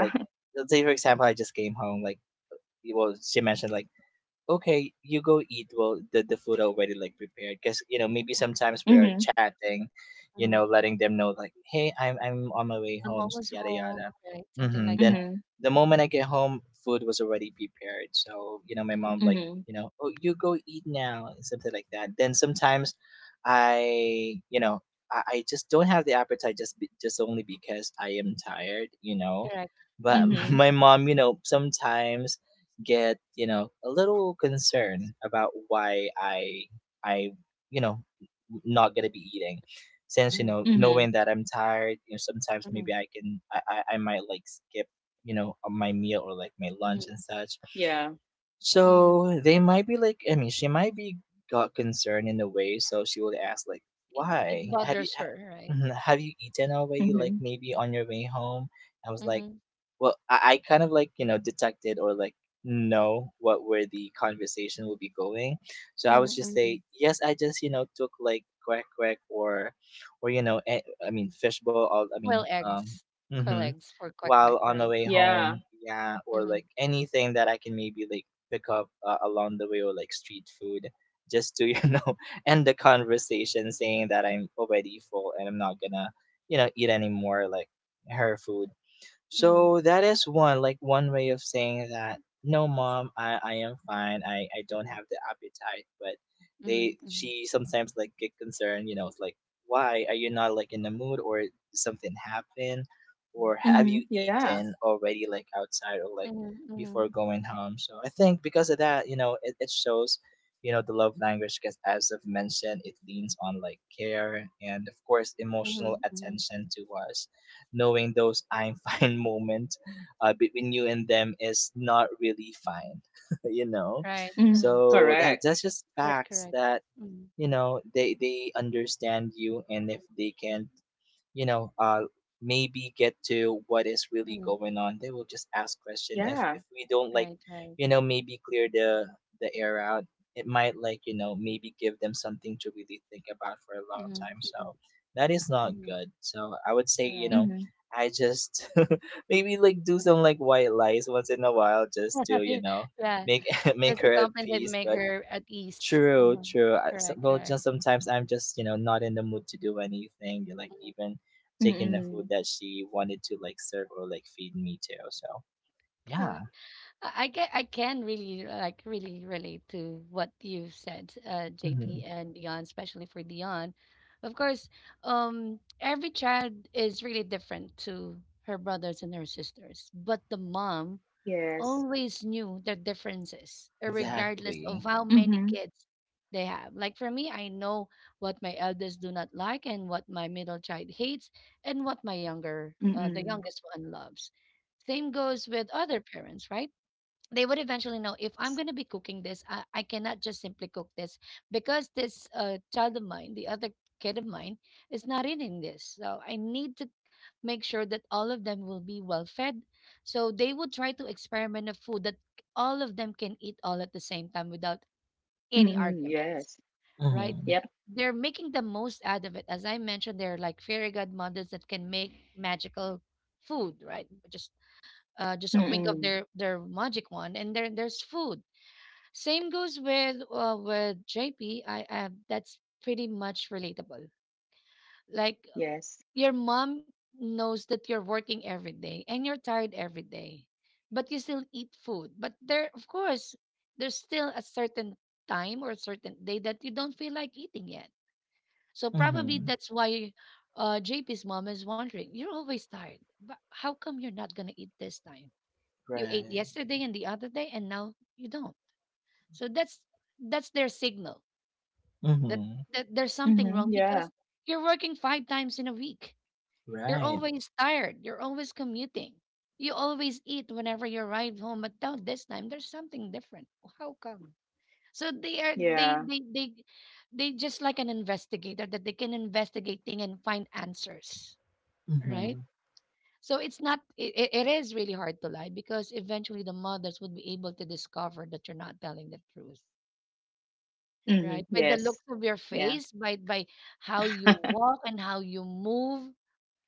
[SPEAKER 2] [LAUGHS] hmm
[SPEAKER 1] mhm. "I'm almost home," right? Something like that.
[SPEAKER 2] hmm
[SPEAKER 1] Mhm,
[SPEAKER 2] hmm
[SPEAKER 1] correct. Mhm,
[SPEAKER 2] hmm
[SPEAKER 1] mhm,
[SPEAKER 2] hmm
[SPEAKER 1] mhm, mhm,
[SPEAKER 2] Yeah.
[SPEAKER 1] mhm. It it bothers her, right?
[SPEAKER 2] hmm
[SPEAKER 1] Mhm, mhm, mhm. Quail eggs. Quail eggs for quack quack, right?
[SPEAKER 2] Yeah.
[SPEAKER 1] Mhm, mhm, mhm, mhm, mhm, mhm,
[SPEAKER 2] hmm Yeah.
[SPEAKER 1] mhm, mhm, mhm, mhm. Right,
[SPEAKER 2] mm
[SPEAKER 1] uh-huh.
[SPEAKER 2] Correct.
[SPEAKER 1] Correct, correct. Mhm, mhm.
[SPEAKER 2] Yeah.
[SPEAKER 1] Right, right. Mhm, mhm, mhm. Correct.
[SPEAKER 2] hmm
[SPEAKER 1] [LAUGHS] Yeah. Just to compensate, make her at least. Uh-huh. Correct, correct. Mm,
[SPEAKER 2] hmm
[SPEAKER 1] Correct. I I get I can really like really relate to what you said, uh, J P and Dion, especially for Dion. Of course, um, every child is really different to her brothers and her sisters, but the mom
[SPEAKER 2] Yes.
[SPEAKER 1] always knew their differences, uh, regardless of how
[SPEAKER 2] hmm
[SPEAKER 1] many kids they have. Like for me, I know what my eldest do not like and what my middle child hates and what my younger, uh,
[SPEAKER 2] hmm
[SPEAKER 1] the youngest one loves. Same goes with other parents, right? They would eventually know if I'm going to be cooking this, I, I cannot just simply cook this because this uh, child of mine, the other kid of mine, is not eating this. So I need to make sure that all of them will be well fed. So they would try to experiment a food that all of them can eat all at the same time without any
[SPEAKER 2] hmm
[SPEAKER 1] arguments,
[SPEAKER 2] Yes.
[SPEAKER 1] right?
[SPEAKER 2] Yep.
[SPEAKER 1] They're making the most out of it. As I mentioned, they're like fairy godmothers that can make magical food, right? Just uh, just a wink of
[SPEAKER 2] hmm
[SPEAKER 1] their their magic wand, and there there's food. Same goes with uh, with J P. I, I that's pretty much relatable. Like
[SPEAKER 2] Yes.
[SPEAKER 1] your mom knows that you're working every day and you're tired every day, but you still eat food. But there, of course, there's still a certain time or a certain day that you don't feel like eating yet. So probably that's why uh, J P's mom is wondering, you're always tired, but how come you're not gonna eat this time? You ate yesterday and the other day and now you don't, so that's that's their signal that, that there's something
[SPEAKER 2] hmm
[SPEAKER 1] wrong
[SPEAKER 2] Yeah.
[SPEAKER 1] because you're working five times in a week, you're always tired, you're always commuting, you always eat whenever you arrive home, but now this time there's something different. How come? So they are they
[SPEAKER 2] Yeah.
[SPEAKER 1] they they they just like an investigator that they can investigate things and find answers, right? So it's not it, it is really hard to lie because eventually the mothers would be able to discover that you're not telling the truth, right?
[SPEAKER 2] Mhm.
[SPEAKER 1] By the
[SPEAKER 2] Yes.
[SPEAKER 1] looks of your
[SPEAKER 2] Yeah.
[SPEAKER 1] face, by by how you
[SPEAKER 2] [LAUGHS]
[SPEAKER 1] walk and how you move.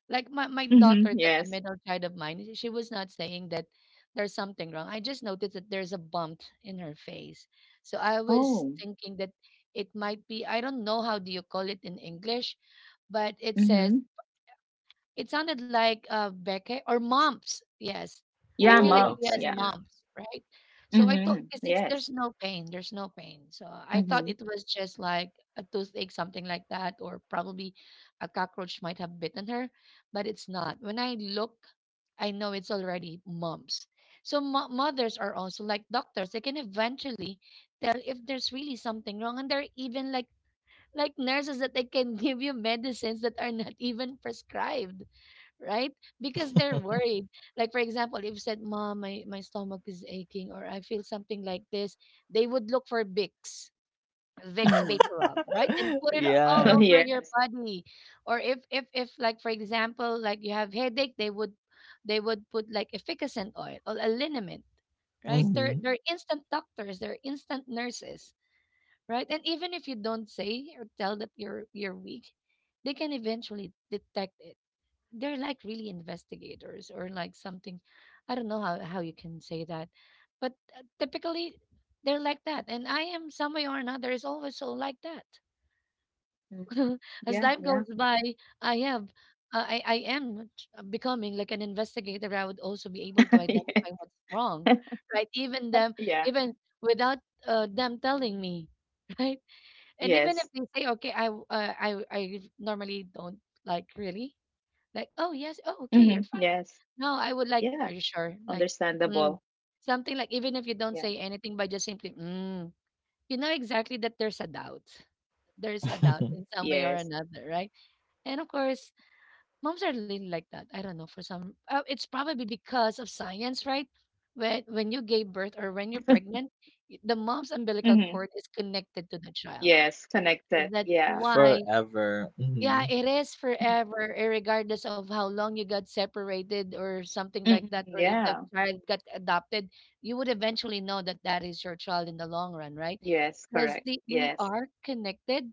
[SPEAKER 1] Like my, my daughter,
[SPEAKER 2] Mhm.
[SPEAKER 1] that the
[SPEAKER 2] Yes.
[SPEAKER 1] middle child of mine, she was not saying that there's something wrong. I just noticed that there's a bump in her face. So I was
[SPEAKER 2] Oh.
[SPEAKER 1] thinking that it might be I don't know how do you call it in English, but it says
[SPEAKER 2] Mhm.
[SPEAKER 1] it sounded like, uh, Beke or mumps, yes. I
[SPEAKER 2] Yeah,
[SPEAKER 1] feel like she
[SPEAKER 2] mumps.
[SPEAKER 1] has
[SPEAKER 2] Yeah.
[SPEAKER 1] mumps, right? So I thought
[SPEAKER 2] Mhm.
[SPEAKER 1] because it's
[SPEAKER 2] Yes.
[SPEAKER 1] there's no pain, there's no pain. So I thought
[SPEAKER 2] Mhm.
[SPEAKER 1] it was just like a toothache, something like that, or probably a cockroach might have bitten her, but it's not. When I look, I know it's already mumps. So mo mothers are also like doctors. They can eventually tell if there's really something wrong, and they're even like like nurses that they can [LAUGHS] give you medicines that are not even prescribed, right? Because they're worried. Like for example, if you said, "Mom, my my stomach is aching," or "I feel something like this," they would look for Vicks, Vicks
[SPEAKER 2] Mm.
[SPEAKER 1] vapor rub, right, and put it all
[SPEAKER 2] [LAUGHS]
[SPEAKER 1] over your
[SPEAKER 2] Yes.
[SPEAKER 1] body. Or if if if like for example, like you have headache, they would they would put like efficacent oil or a liniment, right? They're they're instant doctors, they're instant nurses, right? And even if you don't say or tell that you're you're weak, they can eventually detect it. They're like really investigators or like something. I don't know how, how you can say that, but uh, typically they're like that, and I am some way or another is always so like that.
[SPEAKER 2] Mm.
[SPEAKER 1] [LAUGHS] As
[SPEAKER 2] Yeah.
[SPEAKER 1] time
[SPEAKER 2] Yeah.
[SPEAKER 1] goes by I have uh, I, I am t- uh, becoming like an investigator. I would also be able to
[SPEAKER 2] [LAUGHS]
[SPEAKER 1] identify what's wrong,
[SPEAKER 2] Yeah. [LAUGHS]
[SPEAKER 1] right? Even them,
[SPEAKER 2] Yeah.
[SPEAKER 1] even without uh, them telling me. [LAUGHS] Right? And even
[SPEAKER 2] Yes.
[SPEAKER 1] if they say okay, I w- uh, I I normally don't, like really, like oh yes, oh okay, you're
[SPEAKER 2] Mhm.
[SPEAKER 1] fine.
[SPEAKER 2] Yes.
[SPEAKER 1] No, I would like, "Are
[SPEAKER 2] Yeah.
[SPEAKER 1] you sure?" Like, mm,
[SPEAKER 2] Understandable.
[SPEAKER 1] something like even if you don't
[SPEAKER 2] Yeah.
[SPEAKER 1] say anything by just simply, "Mm," you know exactly that there's a doubt. There's a doubt in some way or
[SPEAKER 2] Yes.
[SPEAKER 1] another, right? And of course, moms are really like that. I don't know for some. Uh, it's probably because of science, right? When when you gave birth or when you're pregnant, y- the mom's umbilical
[SPEAKER 2] Mhm.
[SPEAKER 1] cord is connected to the child.
[SPEAKER 2] Yes. Connected.
[SPEAKER 1] That's
[SPEAKER 2] Yeah.
[SPEAKER 1] why, yeah, it is
[SPEAKER 2] Mhm.
[SPEAKER 1] forever, eh, regardless of how long you got separated or something like that, or if the
[SPEAKER 2] Yeah.
[SPEAKER 1] child got adopted, you would eventually know that that is your child in the long run, right?
[SPEAKER 2] Yes.
[SPEAKER 1] Because
[SPEAKER 2] Correct.
[SPEAKER 1] we
[SPEAKER 2] Yes.
[SPEAKER 1] are connected,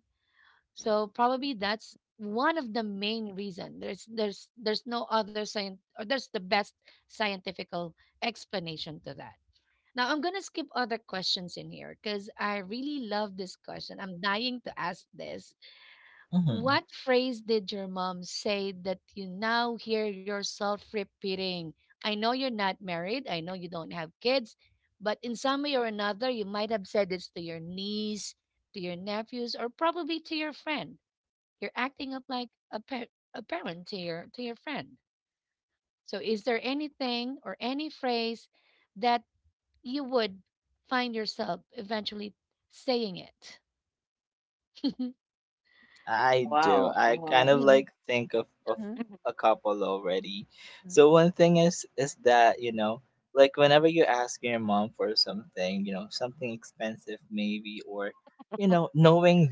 [SPEAKER 1] so probably that's one of the main reason. There's there's there's no other science, or there's the best scientifical explanation to that. Now I'm gonna skip other questions in here because I really love this question. I'm dying to ask this, what phrase did your mom say that you now hear yourself repeating? I know you're not married, I know you don't have kids, but in some way or another, you might have said this to your niece, to your nephews, or probably to your friend. You're acting up like a, pa- a parent to your to your friend. So, is there anything or any phrase that you would find yourself eventually saying it? [LAUGHS]
[SPEAKER 2] Wow. Oh.
[SPEAKER 1] Mhm, mhm,
[SPEAKER 2] Mhm.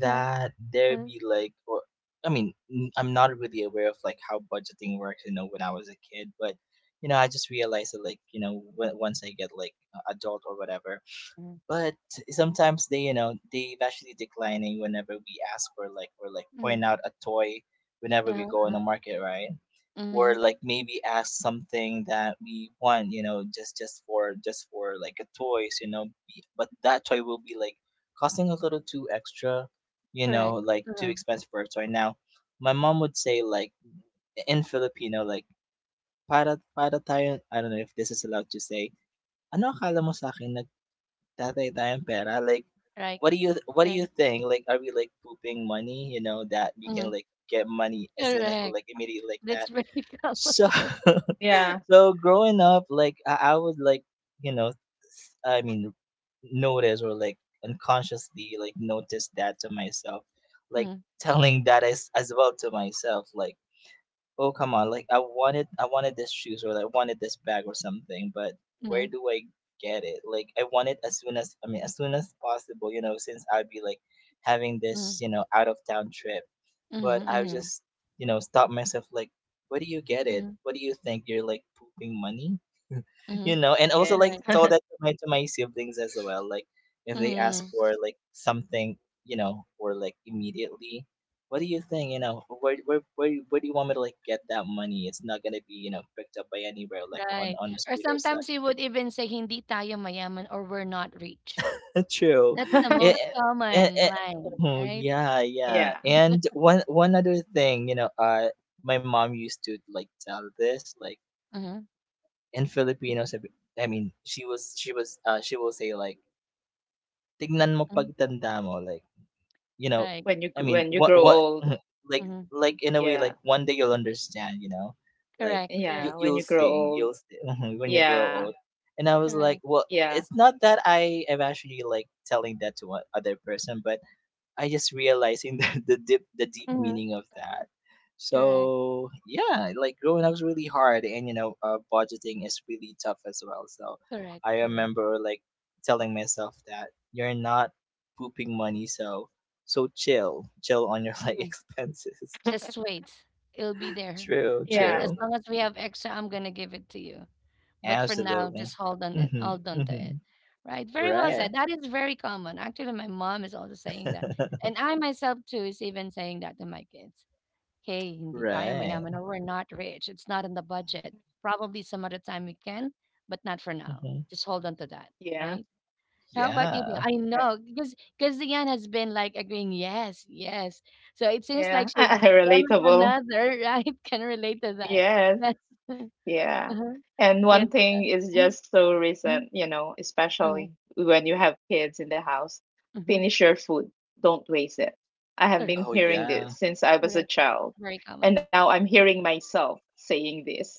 [SPEAKER 1] mm-hmm, mhm, mhm, mhm. Uh-huh, uh-huh. Mhm. Correct. Uh-huh. Right. Right. Mhm. Correct. That's very [LAUGHS] common.
[SPEAKER 2] Yeah.
[SPEAKER 1] Mhm, mhm, mhm, mhm, mhm, mhm, mhm.
[SPEAKER 2] Yes.
[SPEAKER 1] Correct. Mhm. Right. Or sometimes you would even say hindi tayo mayaman, or we're not rich. That's the most
[SPEAKER 2] [LAUGHS]
[SPEAKER 1] common line, right?
[SPEAKER 2] Yeah.
[SPEAKER 1] Mhm, mhm. Right.
[SPEAKER 2] When you g- when you grow old.
[SPEAKER 1] Mhm.
[SPEAKER 2] Yeah.
[SPEAKER 1] Correct. Correct.
[SPEAKER 2] Yeah, when you grow old. Yeah.
[SPEAKER 1] Correct.
[SPEAKER 2] Yeah.
[SPEAKER 1] Mhm. Correct. Correct. Correct. Correct. Just
[SPEAKER 2] [LAUGHS]
[SPEAKER 1] wait. It'll be there, right?
[SPEAKER 2] Yeah.
[SPEAKER 1] As long as we have extra, I'm gonna give it to you. But for now, just hold on it, hold on to it. Right? Very well
[SPEAKER 2] Yeah.
[SPEAKER 1] said. That is very common. Actually, my mom is also saying that. And I myself too is even saying that to my kids. Hey, hindi tayo mayaman, or we're not rich. It's not in the budget. Probably some other time we can, but not for now. Just hold on to that,
[SPEAKER 2] Yeah.
[SPEAKER 1] right? How about you? Neil? I
[SPEAKER 2] Uh,
[SPEAKER 1] know because because Diane has been like agreeing, yes, yes. So it seems like
[SPEAKER 2] yeah.
[SPEAKER 1] she's
[SPEAKER 2] [LAUGHS]
[SPEAKER 1] one way or
[SPEAKER 2] Relatable.
[SPEAKER 1] another, [LAUGHS] right? Can relate to that.
[SPEAKER 2] Yes.
[SPEAKER 1] Yes. [LAUGHS]
[SPEAKER 2] Yeah.
[SPEAKER 1] Uh-huh.
[SPEAKER 2] And
[SPEAKER 1] Yes,
[SPEAKER 2] one thing
[SPEAKER 1] Diane.
[SPEAKER 2] is just
[SPEAKER 1] Mm-hmm,
[SPEAKER 2] so
[SPEAKER 1] mm
[SPEAKER 2] recent, you know,
[SPEAKER 1] hmm
[SPEAKER 2] especially when you have kids in the house.
[SPEAKER 1] mm hmm
[SPEAKER 2] Finish your food. Don't waste it. I have
[SPEAKER 1] Correct.
[SPEAKER 2] been hearing this since I was a
[SPEAKER 1] Correct.
[SPEAKER 2] child.
[SPEAKER 1] Very
[SPEAKER 2] And
[SPEAKER 1] common.
[SPEAKER 2] now I'm hearing myself saying this.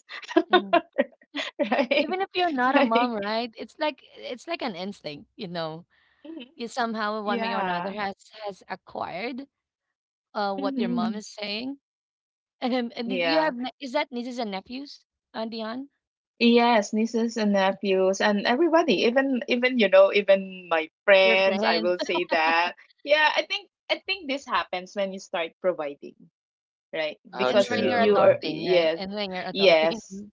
[SPEAKER 1] Mhm.
[SPEAKER 2] [LAUGHS] Right?
[SPEAKER 1] Even if you're
[SPEAKER 2] [LAUGHS]
[SPEAKER 1] not a
[SPEAKER 2] Like,
[SPEAKER 1] mom, right? It's like, it's like an instinct, you know.
[SPEAKER 2] mhm,
[SPEAKER 1] You somehow, one way or another,
[SPEAKER 2] yeah.
[SPEAKER 1] has has acquired uh what your mom
[SPEAKER 2] hmm
[SPEAKER 1] is saying, [LAUGHS] and and you
[SPEAKER 2] Yeah.
[SPEAKER 1] have ne- is that nieces and nephews, uh, Dion?
[SPEAKER 2] Yes, nieces and nephews and everybody, even even, you know, even my
[SPEAKER 1] Your
[SPEAKER 2] friends, I
[SPEAKER 1] friends,
[SPEAKER 2] will say that. Yeah, I think I think this happens when you start providing, right?
[SPEAKER 1] and
[SPEAKER 2] Because
[SPEAKER 1] when
[SPEAKER 2] you
[SPEAKER 1] you're
[SPEAKER 2] you are,
[SPEAKER 1] adulting, right?
[SPEAKER 2] yes.
[SPEAKER 1] And when you're adulting.
[SPEAKER 2] Yes.
[SPEAKER 1] Mhm.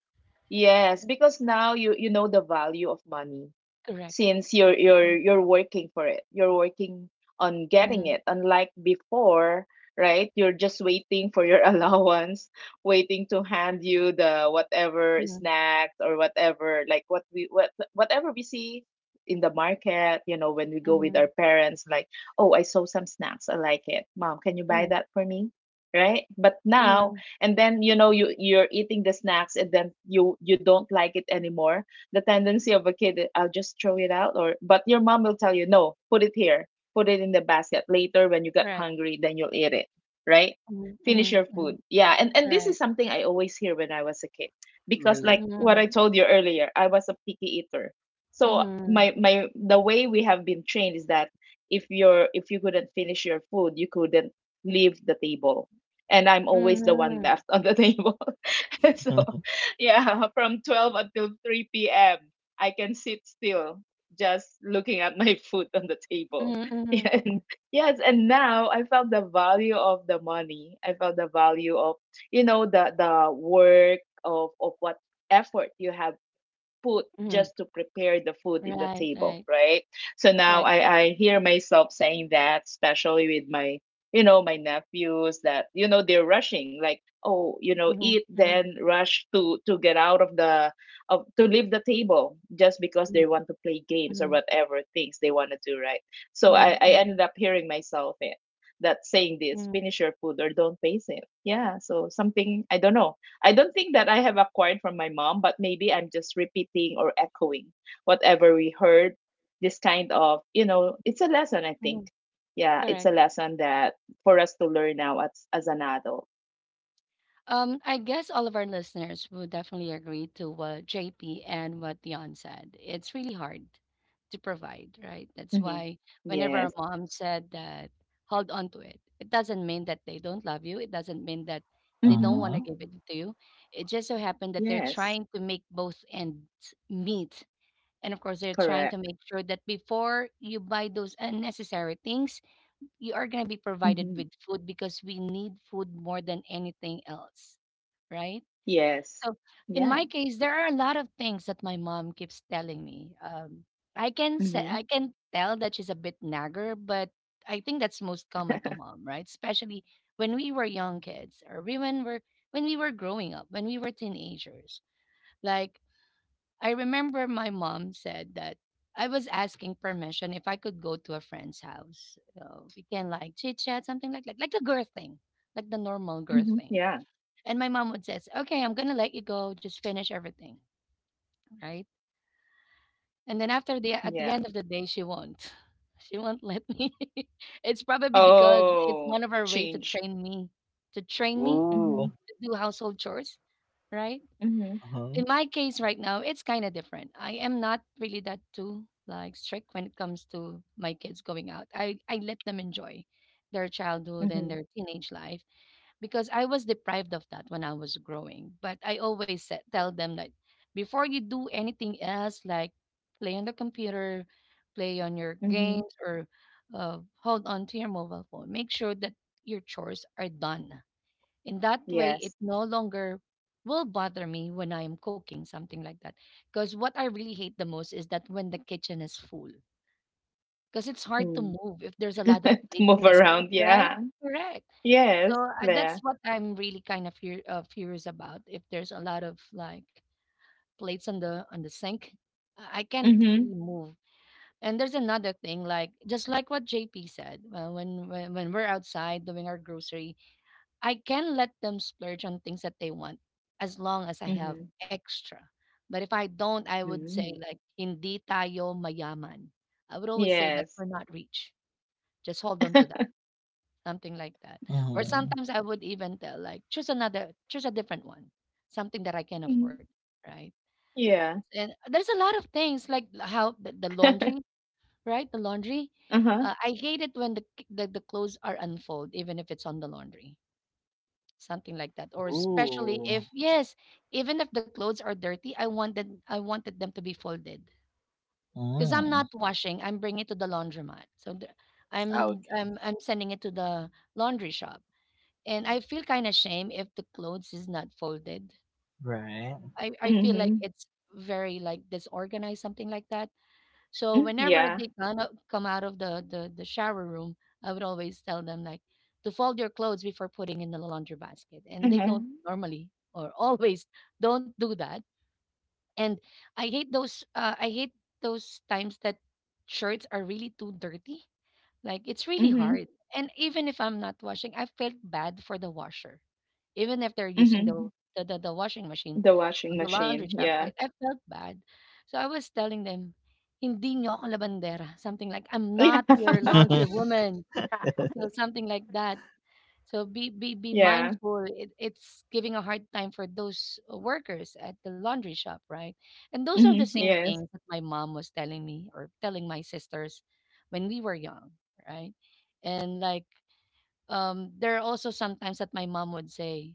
[SPEAKER 2] Yes, because now you you know the value of money,
[SPEAKER 1] Correct.
[SPEAKER 2] since you're you're
[SPEAKER 1] Mhm.
[SPEAKER 2] you're working for it. You're working on getting
[SPEAKER 1] Mhm.
[SPEAKER 2] it, unlike before. Right, you're just waiting for your [LAUGHS] allowance, waiting to hand you the whatever
[SPEAKER 1] Mhm.
[SPEAKER 2] snacks, or whatever like what we, what whatever we see in the market, you know, when we go with our
[SPEAKER 1] Mhm.
[SPEAKER 2] parents, like, oh, I saw some snacks, I like it, mom, can you buy
[SPEAKER 1] Mhm.
[SPEAKER 2] that for me? Right, but now,
[SPEAKER 1] Mhm.
[SPEAKER 2] and then, you know, you you're eating the snacks, and then you you don't like it anymore. The tendency of a kid, I'll just throw it out. Or but your mom will tell you, no, put it here, put it in the basket. Later when you get
[SPEAKER 1] Correct.
[SPEAKER 2] hungry, then you'll eat it, right?
[SPEAKER 1] Mhm.
[SPEAKER 2] Finish your
[SPEAKER 1] Mhm.
[SPEAKER 2] food,
[SPEAKER 1] Mhm.
[SPEAKER 2] yeah. And and this is
[SPEAKER 1] Correct.
[SPEAKER 2] something I always hear when I was a kid, because like what I
[SPEAKER 1] Mhm.
[SPEAKER 2] told you earlier, I was a picky eater. So
[SPEAKER 1] Mhm.
[SPEAKER 2] my my the way we have been trained is that if you're, if you couldn't finish your food, you couldn't leave the table. And I'm always the
[SPEAKER 1] Mhm.
[SPEAKER 2] one
[SPEAKER 1] Mhm.
[SPEAKER 2] left on the [LAUGHS] table. [LAUGHS] So [LAUGHS] yeah, from twelve until three p m. I can sit still, just looking at my [LAUGHS] food on the table. [LAUGHS]
[SPEAKER 1] Mhm.
[SPEAKER 2] Yeah, and, yes, and now I felt the value of the money. I felt the value of, you know, the the work of of what effort you have, food
[SPEAKER 1] Mhm.
[SPEAKER 2] just to prepare the food in the
[SPEAKER 1] Right.
[SPEAKER 2] table,
[SPEAKER 1] Right.
[SPEAKER 2] right? So now
[SPEAKER 1] Correct.
[SPEAKER 2] I, I hear myself saying that, especially with my, you know, my nephews, that, you know, they're rushing, like, oh, you know,
[SPEAKER 1] Mhm.
[SPEAKER 2] eat,
[SPEAKER 1] Mhm.
[SPEAKER 2] then rush to to get out of the, of to leave the table, just because
[SPEAKER 1] Mhm.
[SPEAKER 2] they want to play games or
[SPEAKER 1] Mhm.
[SPEAKER 2] whatever things they want to do, right? So
[SPEAKER 1] Mhm.
[SPEAKER 2] I, I
[SPEAKER 1] Mhm.
[SPEAKER 2] ended up hearing myself it, that saying this,
[SPEAKER 1] Mhm.
[SPEAKER 2] finish your food or don't face it. Yeah. So, something I don't know. I don't think that I have acquired from my mom, but maybe I'm just repeating or echoing whatever we heard. This kind of, you know, it's a lesson, I think.
[SPEAKER 1] Mhm.
[SPEAKER 2] Yeah, it's
[SPEAKER 1] Correct.
[SPEAKER 2] a lesson that for us to learn now as, as an adult.
[SPEAKER 1] Um, I guess all of our listeners would definitely agree to what J P and what Dion said. It's really hard to provide, right? That's
[SPEAKER 2] Hmm
[SPEAKER 1] why whenever
[SPEAKER 2] Yes.
[SPEAKER 1] a mom said that, hold on to it. It doesn't mean that they don't love you. It doesn't mean that they don't
[SPEAKER 2] hmm
[SPEAKER 1] want to give it to you. It just so happened that they're
[SPEAKER 2] Yes.
[SPEAKER 1] trying to make both ends meet. And of course, they're trying
[SPEAKER 2] Correct.
[SPEAKER 1] to make sure that before you buy those unnecessary things, you are going to be
[SPEAKER 2] Hmm
[SPEAKER 1] provided with food because we need food more than anything else, right?
[SPEAKER 2] Yes.
[SPEAKER 1] So
[SPEAKER 2] Yeah.
[SPEAKER 1] in my case, there are a lot of things that my mom keeps telling me. Um, I can
[SPEAKER 2] hmm
[SPEAKER 1] say, I can tell that she's a bit nagger, but I think that's most common to mom, right? Especially when we were young kids or we- when we're when we were growing up, when we were teenagers. Like I remember my mom said that I was asking permission if I could go to a friend's house. So we can like chit chat, something like that, like the girl thing, like the normal girl
[SPEAKER 2] hmm
[SPEAKER 1] thing.
[SPEAKER 2] Yeah.
[SPEAKER 1] And my mom would says, "Okay, I'm gonna let you go. Just finish everything, right?" And then after the at the
[SPEAKER 2] Yeah.
[SPEAKER 1] end of the day, she won't. [LAUGHS] She won't let me. [LAUGHS] It's probably because it's
[SPEAKER 2] Oh,
[SPEAKER 1] one of her way to
[SPEAKER 2] change.
[SPEAKER 1] train me, to train me to
[SPEAKER 2] Hmm
[SPEAKER 1] do household chores, right?
[SPEAKER 2] hmm
[SPEAKER 1] In my case right now, it's kind of different. I am not really that too like strict when it comes to my kids going out. I, I let them enjoy their childhood
[SPEAKER 2] hmm
[SPEAKER 1] and their teenage life because I was deprived of that when I was growing. But I always said, tell them that before you do anything else, like play on the computer, play on your
[SPEAKER 2] hmm
[SPEAKER 1] games, or uh, hold on to your mobile phone, make sure that your chores are done. In that way, it
[SPEAKER 2] Yes.
[SPEAKER 1] no longer will bother me when I am cooking, something like that. Because what I really hate the most is that when the kitchen is full, because it's hard to
[SPEAKER 2] Mm.
[SPEAKER 1] move if there's a
[SPEAKER 2] [LAUGHS]
[SPEAKER 1] lot of
[SPEAKER 2] to
[SPEAKER 1] plates in
[SPEAKER 2] move
[SPEAKER 1] the sink,
[SPEAKER 2] around.
[SPEAKER 1] right?
[SPEAKER 2] Yeah.
[SPEAKER 1] Correct. So
[SPEAKER 2] Yes,
[SPEAKER 1] I, that's
[SPEAKER 2] there.
[SPEAKER 1] what I'm really kind of fear, uh, furious about. If there's a lot of like plates on the on the sink, I I can't
[SPEAKER 2] Mhm,
[SPEAKER 1] really move. And there's another thing, like just like what J P said, uh, when, when when we're outside doing our grocery, I can let them splurge on things that they want as long as I have
[SPEAKER 2] mhm,
[SPEAKER 1] extra. But if I don't, I would say
[SPEAKER 2] mm.
[SPEAKER 1] like hindi tayo mayaman. I would always say that
[SPEAKER 2] Yes.
[SPEAKER 1] we're not rich. Just hold on to that.
[SPEAKER 2] [LAUGHS]
[SPEAKER 1] Something like that. Or sometimes I would even tell like choose another, choose a different one. Something that I can afford,
[SPEAKER 2] Mhm.
[SPEAKER 1] right?
[SPEAKER 2] Yeah.
[SPEAKER 1] And there's a lot of things like how the, the laundry,
[SPEAKER 2] [LAUGHS]
[SPEAKER 1] right? The laundry.
[SPEAKER 2] Uh-huh.
[SPEAKER 1] Uh, I hate it when the, the the clothes are unfold even if it's on the laundry, something like that, or especially if yes, even if the clothes are dirty, i wanted i wanted them to be folded because I'm not washing, I'm bringing it to the laundromat, so the- I'm, I'm i'm sending it to the laundry shop, and I feel kind of shame if the clothes is not folded. I i feel like
[SPEAKER 2] Mhm.
[SPEAKER 1] it's very like disorganized, something like that. So
[SPEAKER 2] Mm,
[SPEAKER 1] whenever
[SPEAKER 2] yeah.
[SPEAKER 1] they kind of come out of the, the the shower room, I would always tell them like to fold your clothes before putting in the laundry basket, and they don't
[SPEAKER 2] Mhm,
[SPEAKER 1] normally or [LAUGHS] always don't do that. And I hate those. Uh, I hate those times that shirts are really too dirty, like it's really
[SPEAKER 2] mhm,
[SPEAKER 1] hard. And even if I'm not washing, I felt bad for the washer. Even if they're using the
[SPEAKER 2] mhm.
[SPEAKER 1] the, the, the washing machine
[SPEAKER 2] The washing
[SPEAKER 1] on the laundry
[SPEAKER 2] machine,
[SPEAKER 1] shop,
[SPEAKER 2] yeah.
[SPEAKER 1] right? I felt bad. So I was telling them, hindi nyo ako labandera. Something like, I'm not your
[SPEAKER 2] [LAUGHS] Yeah.
[SPEAKER 1] laundry woman.
[SPEAKER 2] Yeah.
[SPEAKER 1] So something like that. So be be be
[SPEAKER 2] Yeah.
[SPEAKER 1] mindful. It, it's giving a hard time for those uh, workers at the laundry shop, right? And those are the
[SPEAKER 2] Mhm,
[SPEAKER 1] same
[SPEAKER 2] yes.
[SPEAKER 1] things that my mom was telling me or telling my sisters when we were young, right? And like um there are also sometimes that my mom would say,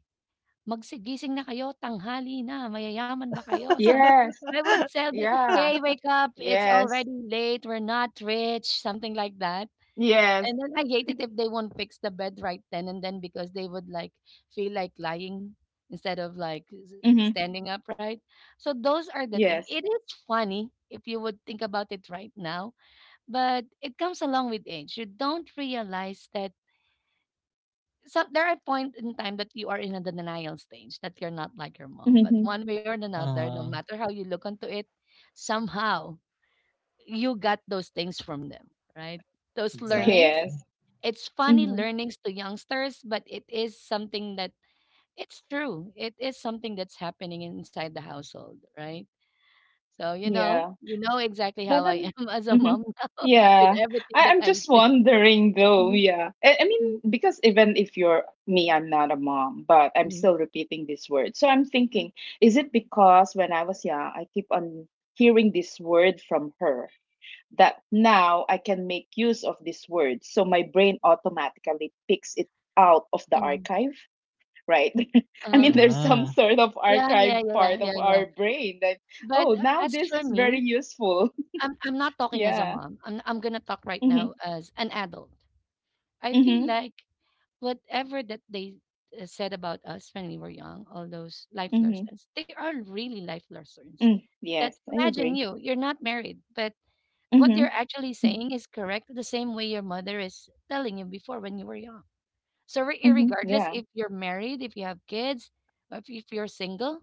[SPEAKER 1] "Magsigising na kayo, tanghali na, mayayaman ba kayo?" Something
[SPEAKER 2] Yes.
[SPEAKER 1] I would tell that,
[SPEAKER 2] Yeah.
[SPEAKER 1] "Hey, wake up. It's
[SPEAKER 2] Yes.
[SPEAKER 1] already late. We're not rich." Something like that.
[SPEAKER 2] Yes.
[SPEAKER 1] And then I hate it if they won't fix the bed right then and then because they would like feel like lying instead of like s-
[SPEAKER 2] Mhm.
[SPEAKER 1] standing upright. So those are the thing. It
[SPEAKER 2] Yes.
[SPEAKER 1] is funny if you would think about it right now, but it comes along with age. You don't realize that some there are points in time that you are in a denial stage that you're not like your mom. But
[SPEAKER 2] Mhm.
[SPEAKER 1] one way or another, no matter how you look onto it, somehow you got those things from them, right? Those learnings,
[SPEAKER 2] Yes.
[SPEAKER 1] it's funny
[SPEAKER 2] Mhm.
[SPEAKER 1] learnings to youngsters, but it is something that it's true. It is something that's happening inside the household, right? So you know,
[SPEAKER 2] Yeah.
[SPEAKER 1] you know exactly how
[SPEAKER 2] But
[SPEAKER 1] I
[SPEAKER 2] I'm,
[SPEAKER 1] am [LAUGHS] as a
[SPEAKER 2] hmm,
[SPEAKER 1] mom now [LAUGHS] with
[SPEAKER 2] yeah.
[SPEAKER 1] everything
[SPEAKER 2] I,
[SPEAKER 1] that
[SPEAKER 2] I'm
[SPEAKER 1] I
[SPEAKER 2] just
[SPEAKER 1] did.
[SPEAKER 2] wondering though.
[SPEAKER 1] Mhm,
[SPEAKER 2] Yeah. I, I mean,
[SPEAKER 1] mhm,
[SPEAKER 2] because even if you're me, I'm not a mom, but I'm
[SPEAKER 1] mhm,
[SPEAKER 2] still repeating this word. So I'm
[SPEAKER 1] mhm,
[SPEAKER 2] thinking, is it because when I was young, I keep on hearing this word from her, that now I can make use of this word. So my brain automatically picks it out of the
[SPEAKER 1] mhm.
[SPEAKER 2] archive, right? [LAUGHS] I mean,
[SPEAKER 1] Uh-huh.
[SPEAKER 2] there's some sort of
[SPEAKER 1] Yeah, yeah,
[SPEAKER 2] archive
[SPEAKER 1] yeah,
[SPEAKER 2] part
[SPEAKER 1] yeah,
[SPEAKER 2] of
[SPEAKER 1] yeah.
[SPEAKER 2] our brain that,
[SPEAKER 1] But
[SPEAKER 2] oh,
[SPEAKER 1] uh,
[SPEAKER 2] now
[SPEAKER 1] as
[SPEAKER 2] this
[SPEAKER 1] for
[SPEAKER 2] is very
[SPEAKER 1] me,
[SPEAKER 2] useful. [LAUGHS]
[SPEAKER 1] I'm I'm not talking as a
[SPEAKER 2] Yeah.
[SPEAKER 1] mom. I'm I'm gonna talk right now
[SPEAKER 2] Mhm,
[SPEAKER 1] as an adult. I feel
[SPEAKER 2] mhm,
[SPEAKER 1] like whatever that they uh, said about us when we were young, all those life
[SPEAKER 2] mhm,
[SPEAKER 1] lessons, they are really life lessons.
[SPEAKER 2] mm,
[SPEAKER 1] That
[SPEAKER 2] yes, I
[SPEAKER 1] imagine
[SPEAKER 2] agree.
[SPEAKER 1] you, you're not married, but what
[SPEAKER 2] Mhm,
[SPEAKER 1] you're actually
[SPEAKER 2] mm,
[SPEAKER 1] saying is correct, the same way your mother is telling you before when you were young. So re-
[SPEAKER 2] mhm,
[SPEAKER 1] regardless
[SPEAKER 2] yeah,
[SPEAKER 1] if you're married, if you have kids, or if, if you're single,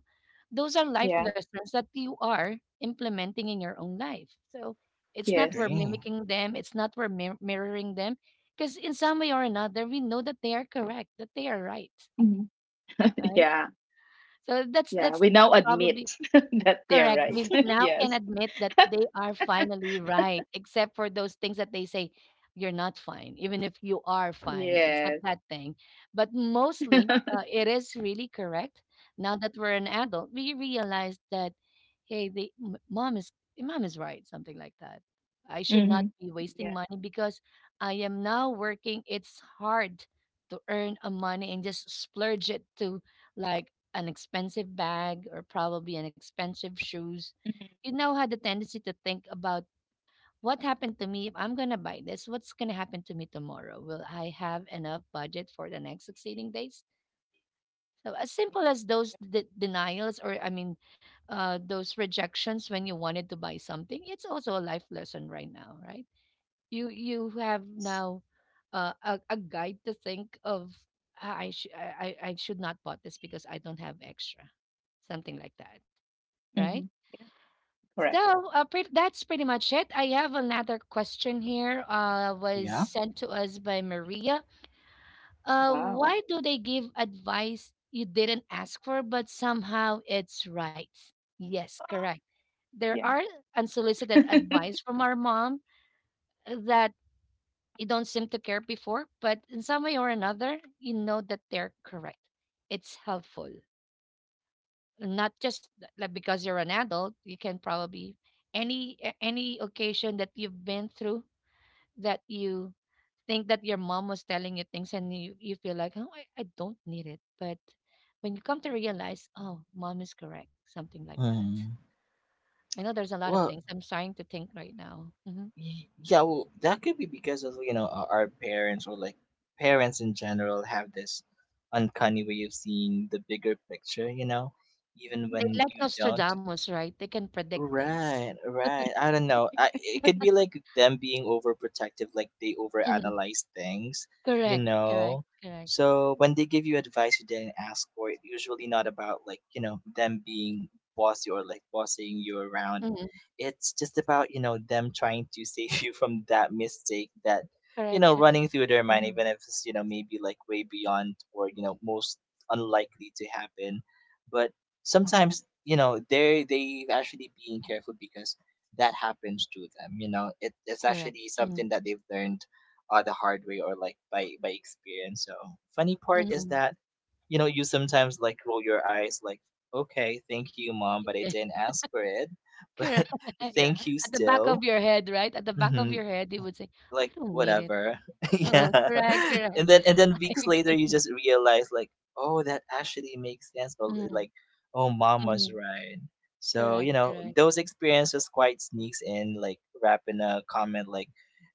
[SPEAKER 1] those are life
[SPEAKER 2] yeah,
[SPEAKER 1] lessons that you are implementing in your own life. So it's not we're
[SPEAKER 2] yes,
[SPEAKER 1] mimicking them, it's not we're mir- mirroring them, because in some way or another, we know that they are correct, that they are right,
[SPEAKER 2] mhm, [LAUGHS]
[SPEAKER 1] right?
[SPEAKER 2] yeah,
[SPEAKER 1] So that's
[SPEAKER 2] yeah.
[SPEAKER 1] that's
[SPEAKER 2] We
[SPEAKER 1] uh,
[SPEAKER 2] now
[SPEAKER 1] probably.
[SPEAKER 2] admit [LAUGHS] that they're
[SPEAKER 1] Correct. We
[SPEAKER 2] right.
[SPEAKER 1] now
[SPEAKER 2] [LAUGHS]
[SPEAKER 1] can
[SPEAKER 2] Yes,
[SPEAKER 1] admit that they are finally right, except for those things that they say, you're not fine, even if you are fine, except
[SPEAKER 2] yes.
[SPEAKER 1] that thing. But mostly, uh,
[SPEAKER 2] [LAUGHS]
[SPEAKER 1] it is really correct. Now that we're an adult, we realize that, hey, the m- mom is mom is right, something like that. I should not
[SPEAKER 2] Mhm,
[SPEAKER 1] be wasting
[SPEAKER 2] yeah,
[SPEAKER 1] money because I am now working. It's hard to earn a money and just splurge it to like an expensive bag or probably an expensive shoes.
[SPEAKER 2] mhm,
[SPEAKER 1] You now had the tendency to think about what happened to me if I'm going to buy this? What's going to happen to me tomorrow? Will I have enough budget for the next succeeding days? So as simple as those de- denials, or I mean uh, those rejections when you wanted to buy something, it's also a life lesson right now, right? you you have now uh, a, a guide to think of, "Ah, I, sh- I I I should not bought this because I don't have extra," something like that, right?
[SPEAKER 2] mhm, yeah, correct.
[SPEAKER 1] So uh, pre- that's pretty much it. I have another question here. Uh, was sent to us by Maria. Uh, why
[SPEAKER 2] Wow.
[SPEAKER 1] do they give advice you didn't ask for, but somehow it's right? Yes, correct.
[SPEAKER 2] Ah,
[SPEAKER 1] There are
[SPEAKER 2] yeah,
[SPEAKER 1] unsolicited advice
[SPEAKER 2] [LAUGHS]
[SPEAKER 1] from our mom uh, that you don't seem to care before, but in some way or another, you know that they're correct. It's helpful, not just like because you're an adult. You can probably any a- any occasion that you've been through that you think that your mom was telling you things and you, you feel like, oh, I, I don't need it, but when you come to realize, oh, mom is correct, something like that. I know there's a lot of things I'm starting to think right now. Hmm, they like Nostradamus, right? They can predict things. Mm-hmm. Correct, correct, correct. Mhm. Correct, correct. Mhm. Correct. Mhm. Mhm. Yeah, [LAUGHS] correct.
[SPEAKER 2] yeah,
[SPEAKER 1] At the back of your head, right? At the back of your head, you would say, "I don't need it." Uh, correct, correct. [LAUGHS] I agree. Mhm. Mhm. Correct, correct.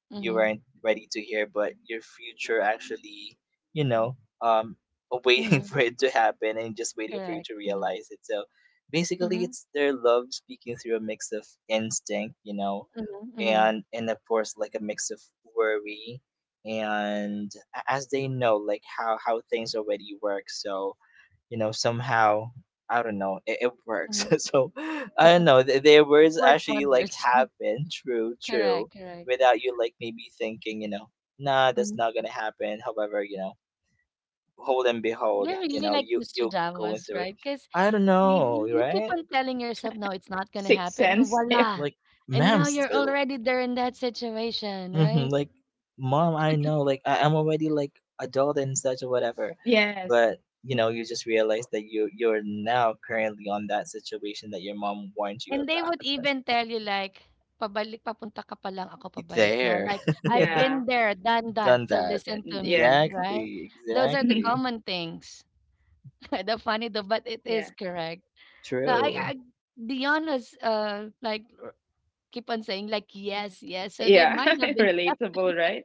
[SPEAKER 1] Mhm. Mhm. Correct. Mhm. Mhm. Mhm. Mhm. Mhm. [LAUGHS] It works wonders. [LAUGHS] Correct, correct. They're
[SPEAKER 2] yes.
[SPEAKER 1] really like Nostradamus, right? Because
[SPEAKER 2] Mhm.
[SPEAKER 1] you, you keep on telling yourself, no, it's not going to
[SPEAKER 2] Sixth
[SPEAKER 1] happen. And
[SPEAKER 2] sense. [LAUGHS]
[SPEAKER 1] voila. And now you're already there in that situation, right?
[SPEAKER 2] Yes. Mhm.
[SPEAKER 1] And they would even tell you like, pabalik, papunta ka pa lang, ako pabalik na. Like, I've
[SPEAKER 2] Yeah.
[SPEAKER 1] been there, done that, so listen
[SPEAKER 2] and-
[SPEAKER 1] to
[SPEAKER 2] Yes.
[SPEAKER 1] me, right? Those are the
[SPEAKER 2] [LAUGHS]
[SPEAKER 1] common things. [LAUGHS] The funny though, but it
[SPEAKER 2] Yeah.
[SPEAKER 1] is correct. Now, I, I Dion was uh, like, r- keep on saying like,
[SPEAKER 2] Yeah.
[SPEAKER 1] yes, yes. So there
[SPEAKER 2] Yeah.
[SPEAKER 1] might
[SPEAKER 2] [LAUGHS]
[SPEAKER 1] have been [LAUGHS]
[SPEAKER 2] Relatable,
[SPEAKER 1] something,
[SPEAKER 2] right?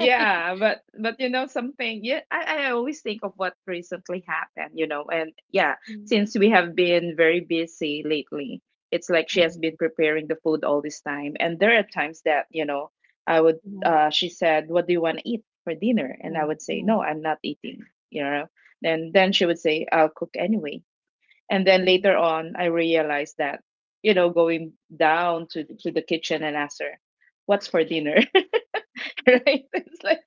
[SPEAKER 1] right?
[SPEAKER 2] but but you know something. Yeah, I I always think of what recently happened. You know, and yeah,
[SPEAKER 1] Mm,
[SPEAKER 2] since we have been very busy lately, it's like she
[SPEAKER 1] mm,
[SPEAKER 2] has been preparing the food all this time. And there are times that, you know, I would.
[SPEAKER 1] mhm,
[SPEAKER 2] Uh, she said, "What do you want to eat for dinner?" And I
[SPEAKER 1] mhm,
[SPEAKER 2] would say, "No,
[SPEAKER 1] mhm,
[SPEAKER 2] I'm not eating." You know, then then she would say, "I'll cook anyway." And then
[SPEAKER 1] mhm.
[SPEAKER 2] later on, I realized that, you know, going down to to the kitchen and ask her, "What's for dinner?" [LAUGHS] Right? It's like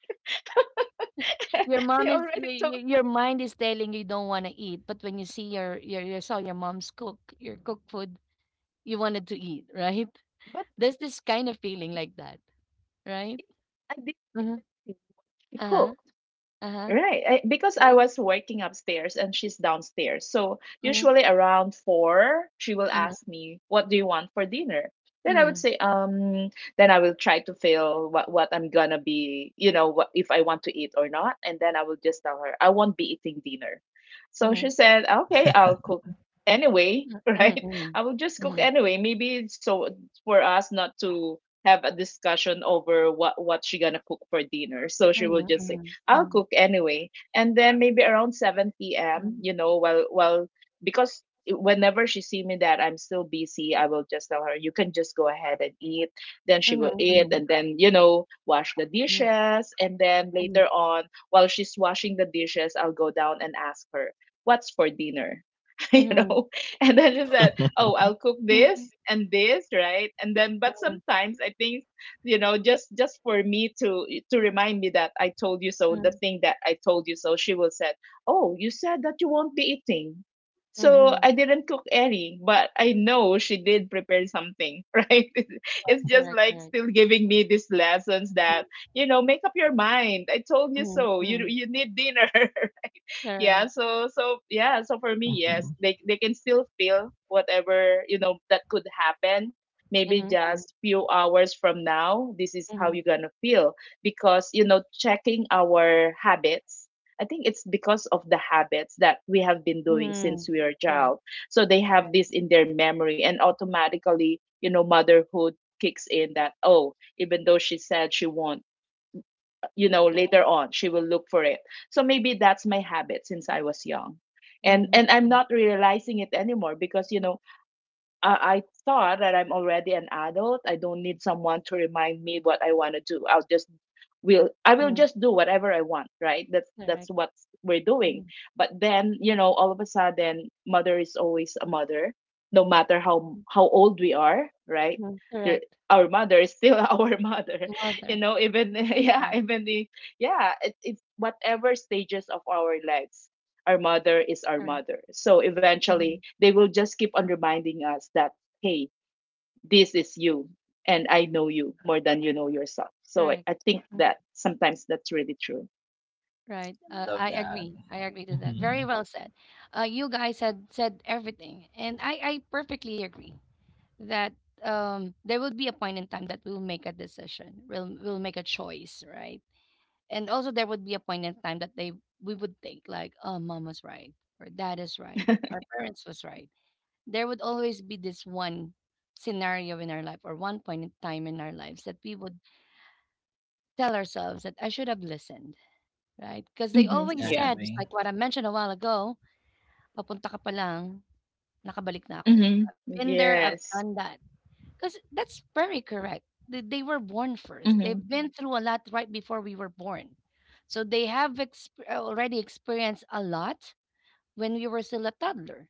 [SPEAKER 2] [LAUGHS]
[SPEAKER 1] Your
[SPEAKER 2] I
[SPEAKER 1] mom is your,
[SPEAKER 2] already told her,
[SPEAKER 1] your mind is telling you don't want to eat, but when you see your your you saw your mom's cook your cook food, you wanted to eat, right?
[SPEAKER 2] but
[SPEAKER 1] There's this kind of feeling like that, right?
[SPEAKER 2] I didn't
[SPEAKER 1] Mm-hmm.
[SPEAKER 2] think she
[SPEAKER 1] Uh-huh.
[SPEAKER 2] cooked.
[SPEAKER 1] Uh-huh.
[SPEAKER 2] Right, I, because I
[SPEAKER 1] Uh-huh.
[SPEAKER 2] was working upstairs and she's downstairs. So
[SPEAKER 1] Mm-hmm.
[SPEAKER 2] usually around four, she will
[SPEAKER 1] Mm-hmm.
[SPEAKER 2] ask me, "What do you want for dinner?" Then I would say, um, then I will try to feel what what I'm gonna be, you know, what if I want to eat or not, and then I will just tell her, I won't be eating dinner. So she
[SPEAKER 1] Mm-hmm.
[SPEAKER 2] said, "Okay, I'll cook anyway." [LAUGHS]
[SPEAKER 1] Mm-hmm.
[SPEAKER 2] Right,
[SPEAKER 1] Mm-hmm.
[SPEAKER 2] I will just cook
[SPEAKER 1] Mm-hmm.
[SPEAKER 2] anyway. Maybe so for us not to have a discussion over what what she gonna cook for dinner. So she will just say, I'll
[SPEAKER 1] Mm-hmm.
[SPEAKER 2] cook anyway. And then maybe around seven p m,
[SPEAKER 1] Mm-hmm.
[SPEAKER 2] you know, well, well, because whenever she see me that I'm still busy, I will just tell her, you can just go ahead and eat. Then she will eat,
[SPEAKER 1] Mm-hmm.
[SPEAKER 2] and then, you know, wash the
[SPEAKER 1] Mm-hmm.
[SPEAKER 2] dishes. And then
[SPEAKER 1] Mm-hmm.
[SPEAKER 2] later on, while she's washing the dishes, I'll go down and ask her, what's for dinner? [LAUGHS] You know, and then she said, oh, I'll cook
[SPEAKER 1] Mm-hmm.
[SPEAKER 2] this and this, right? And then, but sometimes I think, you know, just just for me to to remind me that I told you so, the thing that I told you so. She will said, oh, you said that you won't be eating, so
[SPEAKER 1] Mm-hmm.
[SPEAKER 2] I didn't cook any, but I know she did prepare something. [LAUGHS] Right, it's just
[SPEAKER 1] Correct,
[SPEAKER 2] like
[SPEAKER 1] correct.
[SPEAKER 2] still giving me these lessons
[SPEAKER 1] Mm-hmm.
[SPEAKER 2] that, you know, make up your mind, I told you so, you
[SPEAKER 1] Mm-hmm.
[SPEAKER 2] you need dinner. [LAUGHS] Yeah,
[SPEAKER 1] Correct.
[SPEAKER 2] so so yeah, so for me, yes, they they can still feel whatever, you know, that could happen maybe
[SPEAKER 1] Mhm, mhm,
[SPEAKER 2] just few hours from now. This is how
[SPEAKER 1] mhm,
[SPEAKER 2] you're gonna feel, because, you know, checking our habits, I think it's because of the habits that we have been doing since
[SPEAKER 1] mhm.
[SPEAKER 2] we were a
[SPEAKER 1] Correct,
[SPEAKER 2] child. So they have
[SPEAKER 1] correct.
[SPEAKER 2] this in their memory, and automatically, you know, motherhood kicks in, that, oh, even though she said she won't, you know, later on she will look for it. So maybe that's my habit since I was young, and
[SPEAKER 1] Mhm,
[SPEAKER 2] and I'm not realizing it anymore because, you know, I, I thought that I'm already an adult. I don't need someone to remind me what I want to do. I'll just will I will
[SPEAKER 1] mhm,
[SPEAKER 2] just do whatever I want, right? That's that's
[SPEAKER 1] correct.
[SPEAKER 2] what we're doing.
[SPEAKER 1] Mhm,
[SPEAKER 2] But then, you know, all of a sudden, mother is always a mother, no matter how how old we are, right?
[SPEAKER 1] mhm,
[SPEAKER 2] There,
[SPEAKER 1] correct.
[SPEAKER 2] our mother is still [LAUGHS] our mother, [LAUGHS] you
[SPEAKER 1] Mother,
[SPEAKER 2] know. Even [LAUGHS] yeah,
[SPEAKER 1] correct,
[SPEAKER 2] even the yeah, it, it's whatever stages of our lives, our mother is our
[SPEAKER 1] correct.
[SPEAKER 2] mother. So eventually,
[SPEAKER 1] Mhm,
[SPEAKER 2] they will just keep on reminding us that, hey, this is you, and I know you more than you know yourself. So I,
[SPEAKER 1] correct.
[SPEAKER 2] I think
[SPEAKER 1] Mm.
[SPEAKER 2] that sometimes that's really true.
[SPEAKER 1] Right. Uh, I agree. I agree to that. Very well said. Uh, you guys had said everything, and I I perfectly agree that um there will be a point in time that we'll make a decision. We'll we'll make a choice, right? And also there would be a point in time that they we would think like, oh, mom was right, or dad is right, our parents was right. There would always be this one scenario in our life or one point in time in our lives that we would tell ourselves that I should have listened, right? Because they
[SPEAKER 2] Mm-hmm.
[SPEAKER 1] always
[SPEAKER 2] Yeah.
[SPEAKER 1] said, just like what I mentioned a while ago, papunta ka pa lang, nakabalik na ako,
[SPEAKER 2] Mm-hmm.
[SPEAKER 1] I've been there, I've
[SPEAKER 2] Yes.
[SPEAKER 1] done that. Because that's very correct. They, they were born first.
[SPEAKER 2] Mm-hmm.
[SPEAKER 1] They've been through a lot right before we were born. So they have exp- uh, already experienced a lot when we were still a toddler.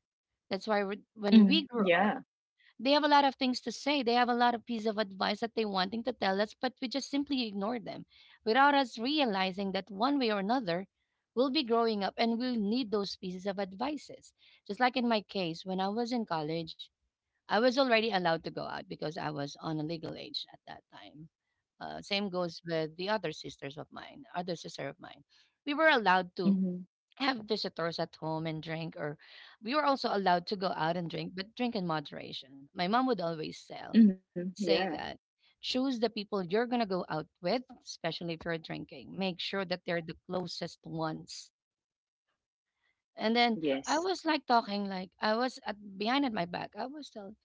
[SPEAKER 1] That's why we when
[SPEAKER 2] Mm-hmm.
[SPEAKER 1] we grew
[SPEAKER 2] Yeah.
[SPEAKER 1] up, they have a lot of things to say. They have a lot of piece of advice that they wanting to tell us, but we just simply ignore them without us realizing that one way or another, we'll be growing up and we'll need those pieces of advices. Just like in my case, when I was in college, I was already allowed to go out because I was on a legal age at that time. Uh, same goes with the other sisters of mine, other sister of mine. We were allowed to
[SPEAKER 2] Mm-hmm.
[SPEAKER 1] have visitors at home and drink, or we were also allowed to go out and drink, but drink in moderation. My mom would always sell,
[SPEAKER 2] Mm-hmm. Yeah.
[SPEAKER 1] say that, choose the people you're going to go out with, especially if you're drinking. Make sure that they're the closest ones. And then I
[SPEAKER 2] Yes.
[SPEAKER 1] was like talking, like I was at, behind at my back. I was telling,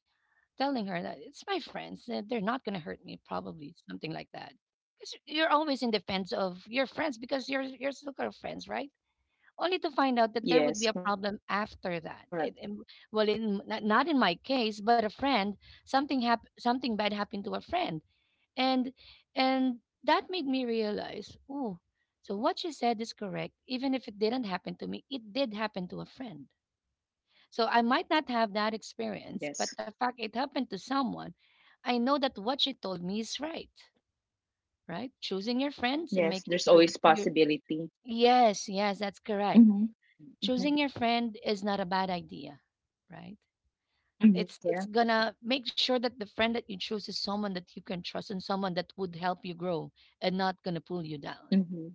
[SPEAKER 1] telling her that it's my friends, that they're not going to hurt me, probably something like that, because you're always in defense of your friends because you're you're still kind of friends, right? Only to find out that there
[SPEAKER 2] Yes.
[SPEAKER 1] would be a
[SPEAKER 2] Correct.
[SPEAKER 1] problem after that it, in- well, in not not in my case, but a friend. Something hap- something bad happened to a friend, and and that made me realize, oh, so what she said is correct. Even if it didn't happen to me, it did happen to a friend. So I might not have that
[SPEAKER 2] Yes.
[SPEAKER 1] experience, but the fact it happened to someone, I know that what she told me is right, right? Choosing your
[SPEAKER 2] Yes. There's
[SPEAKER 1] friends and
[SPEAKER 2] always
[SPEAKER 1] making sure that you're.
[SPEAKER 2] possibility.
[SPEAKER 1] Yes, yes, that's
[SPEAKER 2] Mm-hmm.
[SPEAKER 1] correct.
[SPEAKER 2] Mm-hmm.
[SPEAKER 1] Choosing your friend is not a bad idea, right?
[SPEAKER 2] Mm-hmm.
[SPEAKER 1] It's
[SPEAKER 2] Yeah.
[SPEAKER 1] it's gonna make sure that the friend that you choose is someone that you can trust and someone that would help you grow and not gonna pull you down,
[SPEAKER 2] Mm-hmm.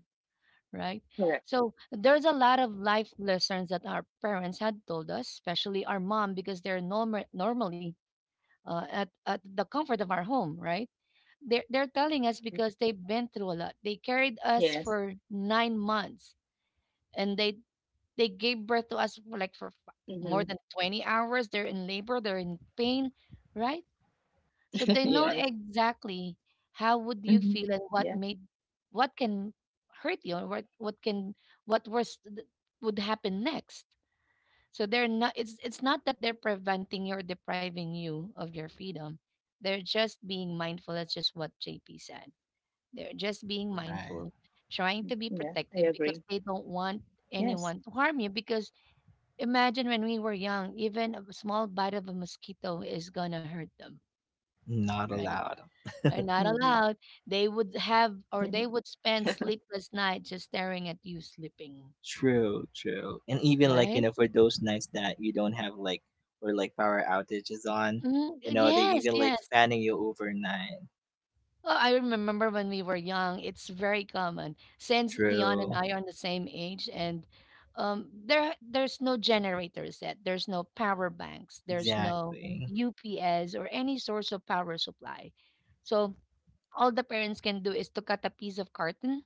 [SPEAKER 1] right?
[SPEAKER 2] Correct.
[SPEAKER 1] So there's a lot of life lessons that our parents had told us, especially our mom, because they're norm- normally uh, at, at the comfort of our home, right? They're, they're telling us
[SPEAKER 2] Yes.
[SPEAKER 1] because they've been through a lot. They carried us for nine months, and they, they
[SPEAKER 2] Mm-hmm.
[SPEAKER 1] gave birth to us for like for f- more than twenty hours. They're in labor, they're in pain,
[SPEAKER 2] [LAUGHS] yes.
[SPEAKER 1] right? So they know
[SPEAKER 2] hmm
[SPEAKER 1] exactly
[SPEAKER 2] Yeah,
[SPEAKER 1] how would you feel, and what made, what can hurt you, or what, what can, what worse th- would happen next. So they're not, it's it's not that they're preventing you or depriving you of your freedom. They're just being mindful. That's just what J P said. They're just being mindful,
[SPEAKER 2] yeah, I
[SPEAKER 1] trying
[SPEAKER 2] agree.
[SPEAKER 1] to be protective because they don't
[SPEAKER 2] Yes.
[SPEAKER 1] want anyone to harm you. Because imagine when we were young, even a small bite of a mosquito is gonna hurt them, right?
[SPEAKER 2] hmm
[SPEAKER 1] They're not allowed. They would
[SPEAKER 2] [LAUGHS]
[SPEAKER 1] have, or they would spend sleepless night just staring at you sleeping, right? Mm, yes, yes. Well, I remember when we were young, it's very common since Dion and I are the same age, and um, there there's no generators yet. There's no power banks. There's no U P S or any source of power supply. So all the parents can do is to cut a piece of carton,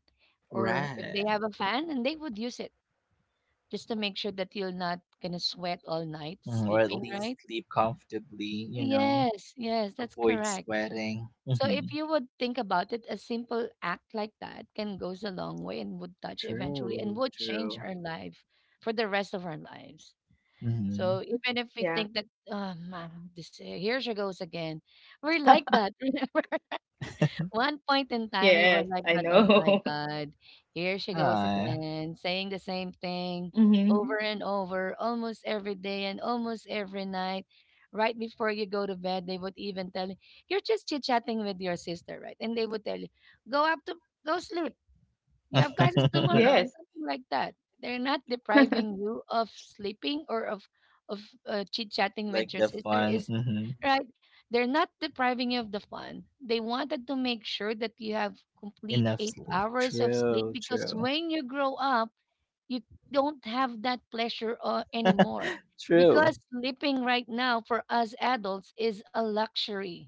[SPEAKER 1] or if they have a fan, and they would use it just to make sure that you're not gonna sweat all night sleeping, right? Yes, yes, that's correct. So if you would think about it, a simple act like that can goes a long way and would touch eventually and would change our life for the rest of our lives. So even if we
[SPEAKER 2] Yeah.
[SPEAKER 1] think that, oh man, this uh, here she goes again, we're like
[SPEAKER 2] [LAUGHS]
[SPEAKER 1] that. [LAUGHS] One point in time, we were
[SPEAKER 2] Yes,
[SPEAKER 1] like
[SPEAKER 2] I
[SPEAKER 1] that, "Oh my
[SPEAKER 2] know. [LAUGHS]
[SPEAKER 1] God, here she goes again, saying the same thing over
[SPEAKER 2] hmm
[SPEAKER 1] and over, almost every day and almost every night." Right before you go to bed, they would even tell you, "You're just chit chatting with your sister, right?" And they would tell you, "Go up to Go sleep. You have classes tomorrow, and
[SPEAKER 2] Yes.
[SPEAKER 1] something like that." They're not depriving you
[SPEAKER 2] [LAUGHS]
[SPEAKER 1] of sleeping or of of uh, chit chatting with your sister. Is Right? They're not depriving you of the fun. They wanted to make sure that you have complete eight hours of sleep because when you grow up, you don't have that pleasure uh, anymore. Because sleeping right now for us adults is a luxury,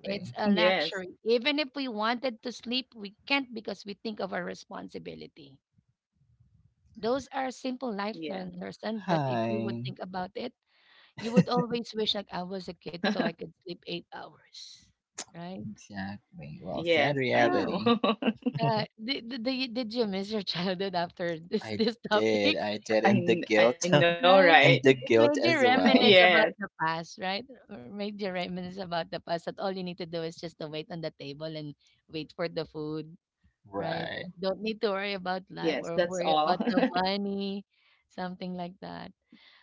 [SPEAKER 1] it's a luxury.
[SPEAKER 2] Yes.
[SPEAKER 1] Even if we wanted to sleep, we can't because we think of our responsibility. Those are simple life le-
[SPEAKER 2] Yeah.
[SPEAKER 1] lesson, but if you would think about it, you would always wish like I was a kid so I could sleep
[SPEAKER 2] [LAUGHS]
[SPEAKER 1] eight hours, right?
[SPEAKER 2] Yes,
[SPEAKER 1] Ah,
[SPEAKER 2] I know. [LAUGHS]
[SPEAKER 1] Uh, did, did, did did you miss your [LAUGHS] childhood after this this topic,
[SPEAKER 2] I kn- I
[SPEAKER 1] [LAUGHS]
[SPEAKER 2] know,
[SPEAKER 1] right?
[SPEAKER 2] right?
[SPEAKER 1] It made you
[SPEAKER 2] [LAUGHS]
[SPEAKER 1] reminisce about
[SPEAKER 2] Yes.
[SPEAKER 1] the past, right? Or made you reminisce about the past that all you need to do is just to wait on the table and wait for the food, right? Don't need to worry about life or
[SPEAKER 2] Yes,
[SPEAKER 1] worry
[SPEAKER 2] that's
[SPEAKER 1] about
[SPEAKER 2] all.
[SPEAKER 1] the
[SPEAKER 2] [LAUGHS]
[SPEAKER 1] money, something like that.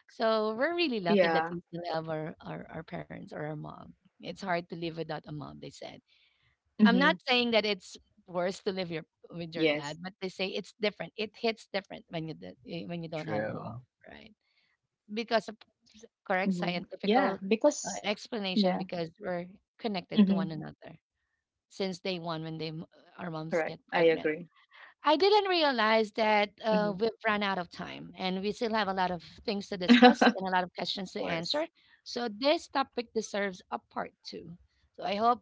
[SPEAKER 1] So we're really lucky that we
[SPEAKER 2] Yeah.
[SPEAKER 1] still have our, our, our parents or our mom. It's hard to live without a mom, they said.
[SPEAKER 2] hmm
[SPEAKER 1] I'm not saying that it's worse to live your,
[SPEAKER 2] Yes.
[SPEAKER 1] with your dad, but they say it's different. It hits different when you d- eh, when you don't have a mom, right? Because of s-
[SPEAKER 2] hmm
[SPEAKER 1] correct
[SPEAKER 2] Yeah,
[SPEAKER 1] scientific uh,
[SPEAKER 2] because yeah.
[SPEAKER 1] explanation, because we're connected
[SPEAKER 2] hmm
[SPEAKER 1] to one another since day one when they m- our
[SPEAKER 2] Correct.
[SPEAKER 1] moms
[SPEAKER 2] I
[SPEAKER 1] get
[SPEAKER 2] agree.
[SPEAKER 1] pregnant. I didn't realize that
[SPEAKER 2] Hmm
[SPEAKER 1] uh, we've run out of time and we still have a lot of things to discuss
[SPEAKER 2] [LAUGHS]
[SPEAKER 1] and a lot of questions to answer. So, this topic deserves a part two. So, I hope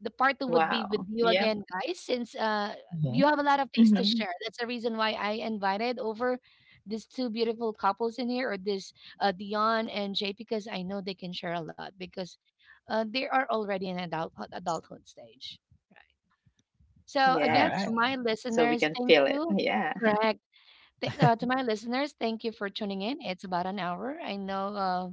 [SPEAKER 1] the part two would be with
[SPEAKER 2] Wow.
[SPEAKER 1] you
[SPEAKER 2] Yep.
[SPEAKER 1] again, guys, since uh, you have a lot of things to
[SPEAKER 2] hmm
[SPEAKER 1] share. That's the reason why I invited over these two beautiful couples in here, or this uh, Dion and Jay, because I know they can share a lot because uh, they are already in adult adulthood stage, right? So again, to
[SPEAKER 2] Yes.
[SPEAKER 1] my
[SPEAKER 2] So we
[SPEAKER 1] listeners,
[SPEAKER 2] can
[SPEAKER 1] thank
[SPEAKER 2] feel it.
[SPEAKER 1] you.
[SPEAKER 2] Yeah.
[SPEAKER 1] Correct. Th- uh, to my listeners, thank you for tuning in. It's about an hour. I know, uh,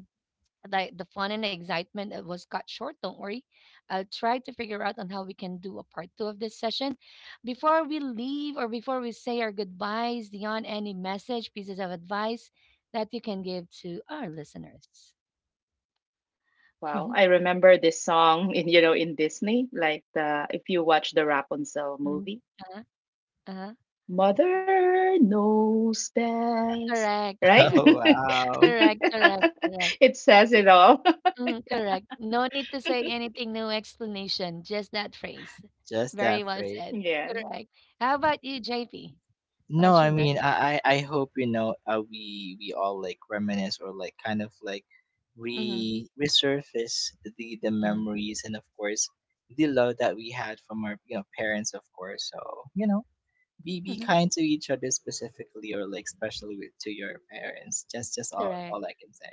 [SPEAKER 1] like, the fun and excitement that was cut short. Don't worry. I'll try to figure out on how we can do a part two of this session. Before we leave or before we say our goodbyes, Dion, any message, pieces of advice that you can give to our listeners? [LAUGHS] Hmm.
[SPEAKER 2] Wow, I remember this song, in, you know, in Disney, like, the, if you watch the Rapunzel
[SPEAKER 1] Mhm.
[SPEAKER 2] movie,
[SPEAKER 1] Uh-huh. Uh-huh.
[SPEAKER 2] mother knows best,
[SPEAKER 1] Correct.
[SPEAKER 2] right?
[SPEAKER 3] [LAUGHS] Oh
[SPEAKER 1] Correct.
[SPEAKER 3] wow,
[SPEAKER 1] Correct.
[SPEAKER 2] [LAUGHS]
[SPEAKER 1] Correct. Correct.
[SPEAKER 2] It says it all. [LAUGHS]
[SPEAKER 1] Mhm, correct. No need to say anything, no explanation, just that phrase.
[SPEAKER 3] just
[SPEAKER 1] Very
[SPEAKER 3] that
[SPEAKER 1] well
[SPEAKER 3] phrase.
[SPEAKER 1] said.
[SPEAKER 2] Yes.
[SPEAKER 1] Correct. How about you, J P?
[SPEAKER 3] No,
[SPEAKER 1] What's
[SPEAKER 3] I
[SPEAKER 1] your
[SPEAKER 3] mean,
[SPEAKER 1] message?
[SPEAKER 3] I, I I hope you know, uh, we we all like reminisce or like kind of like
[SPEAKER 1] Mm-hmm,
[SPEAKER 3] re resurface the the
[SPEAKER 1] mm-hmm,
[SPEAKER 3] memories and of course the love that we had from our you know parents, of course. So you know, be be
[SPEAKER 1] mm-hmm.
[SPEAKER 3] kind to each other specifically or like especially with, to your parents. Just just all
[SPEAKER 1] Correct.
[SPEAKER 3] all I can say.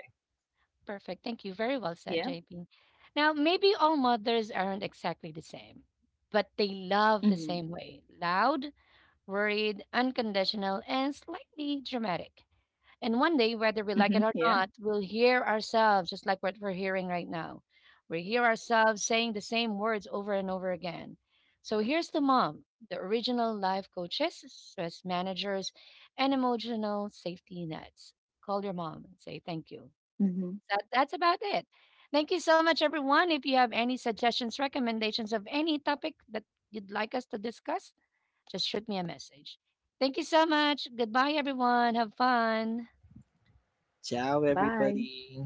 [SPEAKER 1] Perfect. Thank you. Very well
[SPEAKER 2] Yeah.
[SPEAKER 1] said, J P. Now, maybe all mothers aren't exactly the same, but they love the
[SPEAKER 2] Mm-hmm.
[SPEAKER 1] same way: loud, worried, unconditional, and slightly dramatic. And one day, whether we
[SPEAKER 2] Mm-hmm.
[SPEAKER 1] like it or
[SPEAKER 2] Yeah.
[SPEAKER 1] not, we'll hear ourselves just like what we're hearing right now. We hear ourselves saying the same words over and over again. So here's the mom, the original life coaches, stress managers, and emotional safety nets. Call your mom and say thank
[SPEAKER 2] Mm-hmm.
[SPEAKER 1] you. That, that's about it. Thank you so much, everyone. If you have any suggestions, recommendations of any topic that you'd like us to discuss, just shoot me a message. Thank you so much. Goodbye, everyone. Have fun.
[SPEAKER 3] Ciao,
[SPEAKER 2] Bye.
[SPEAKER 3] everybody.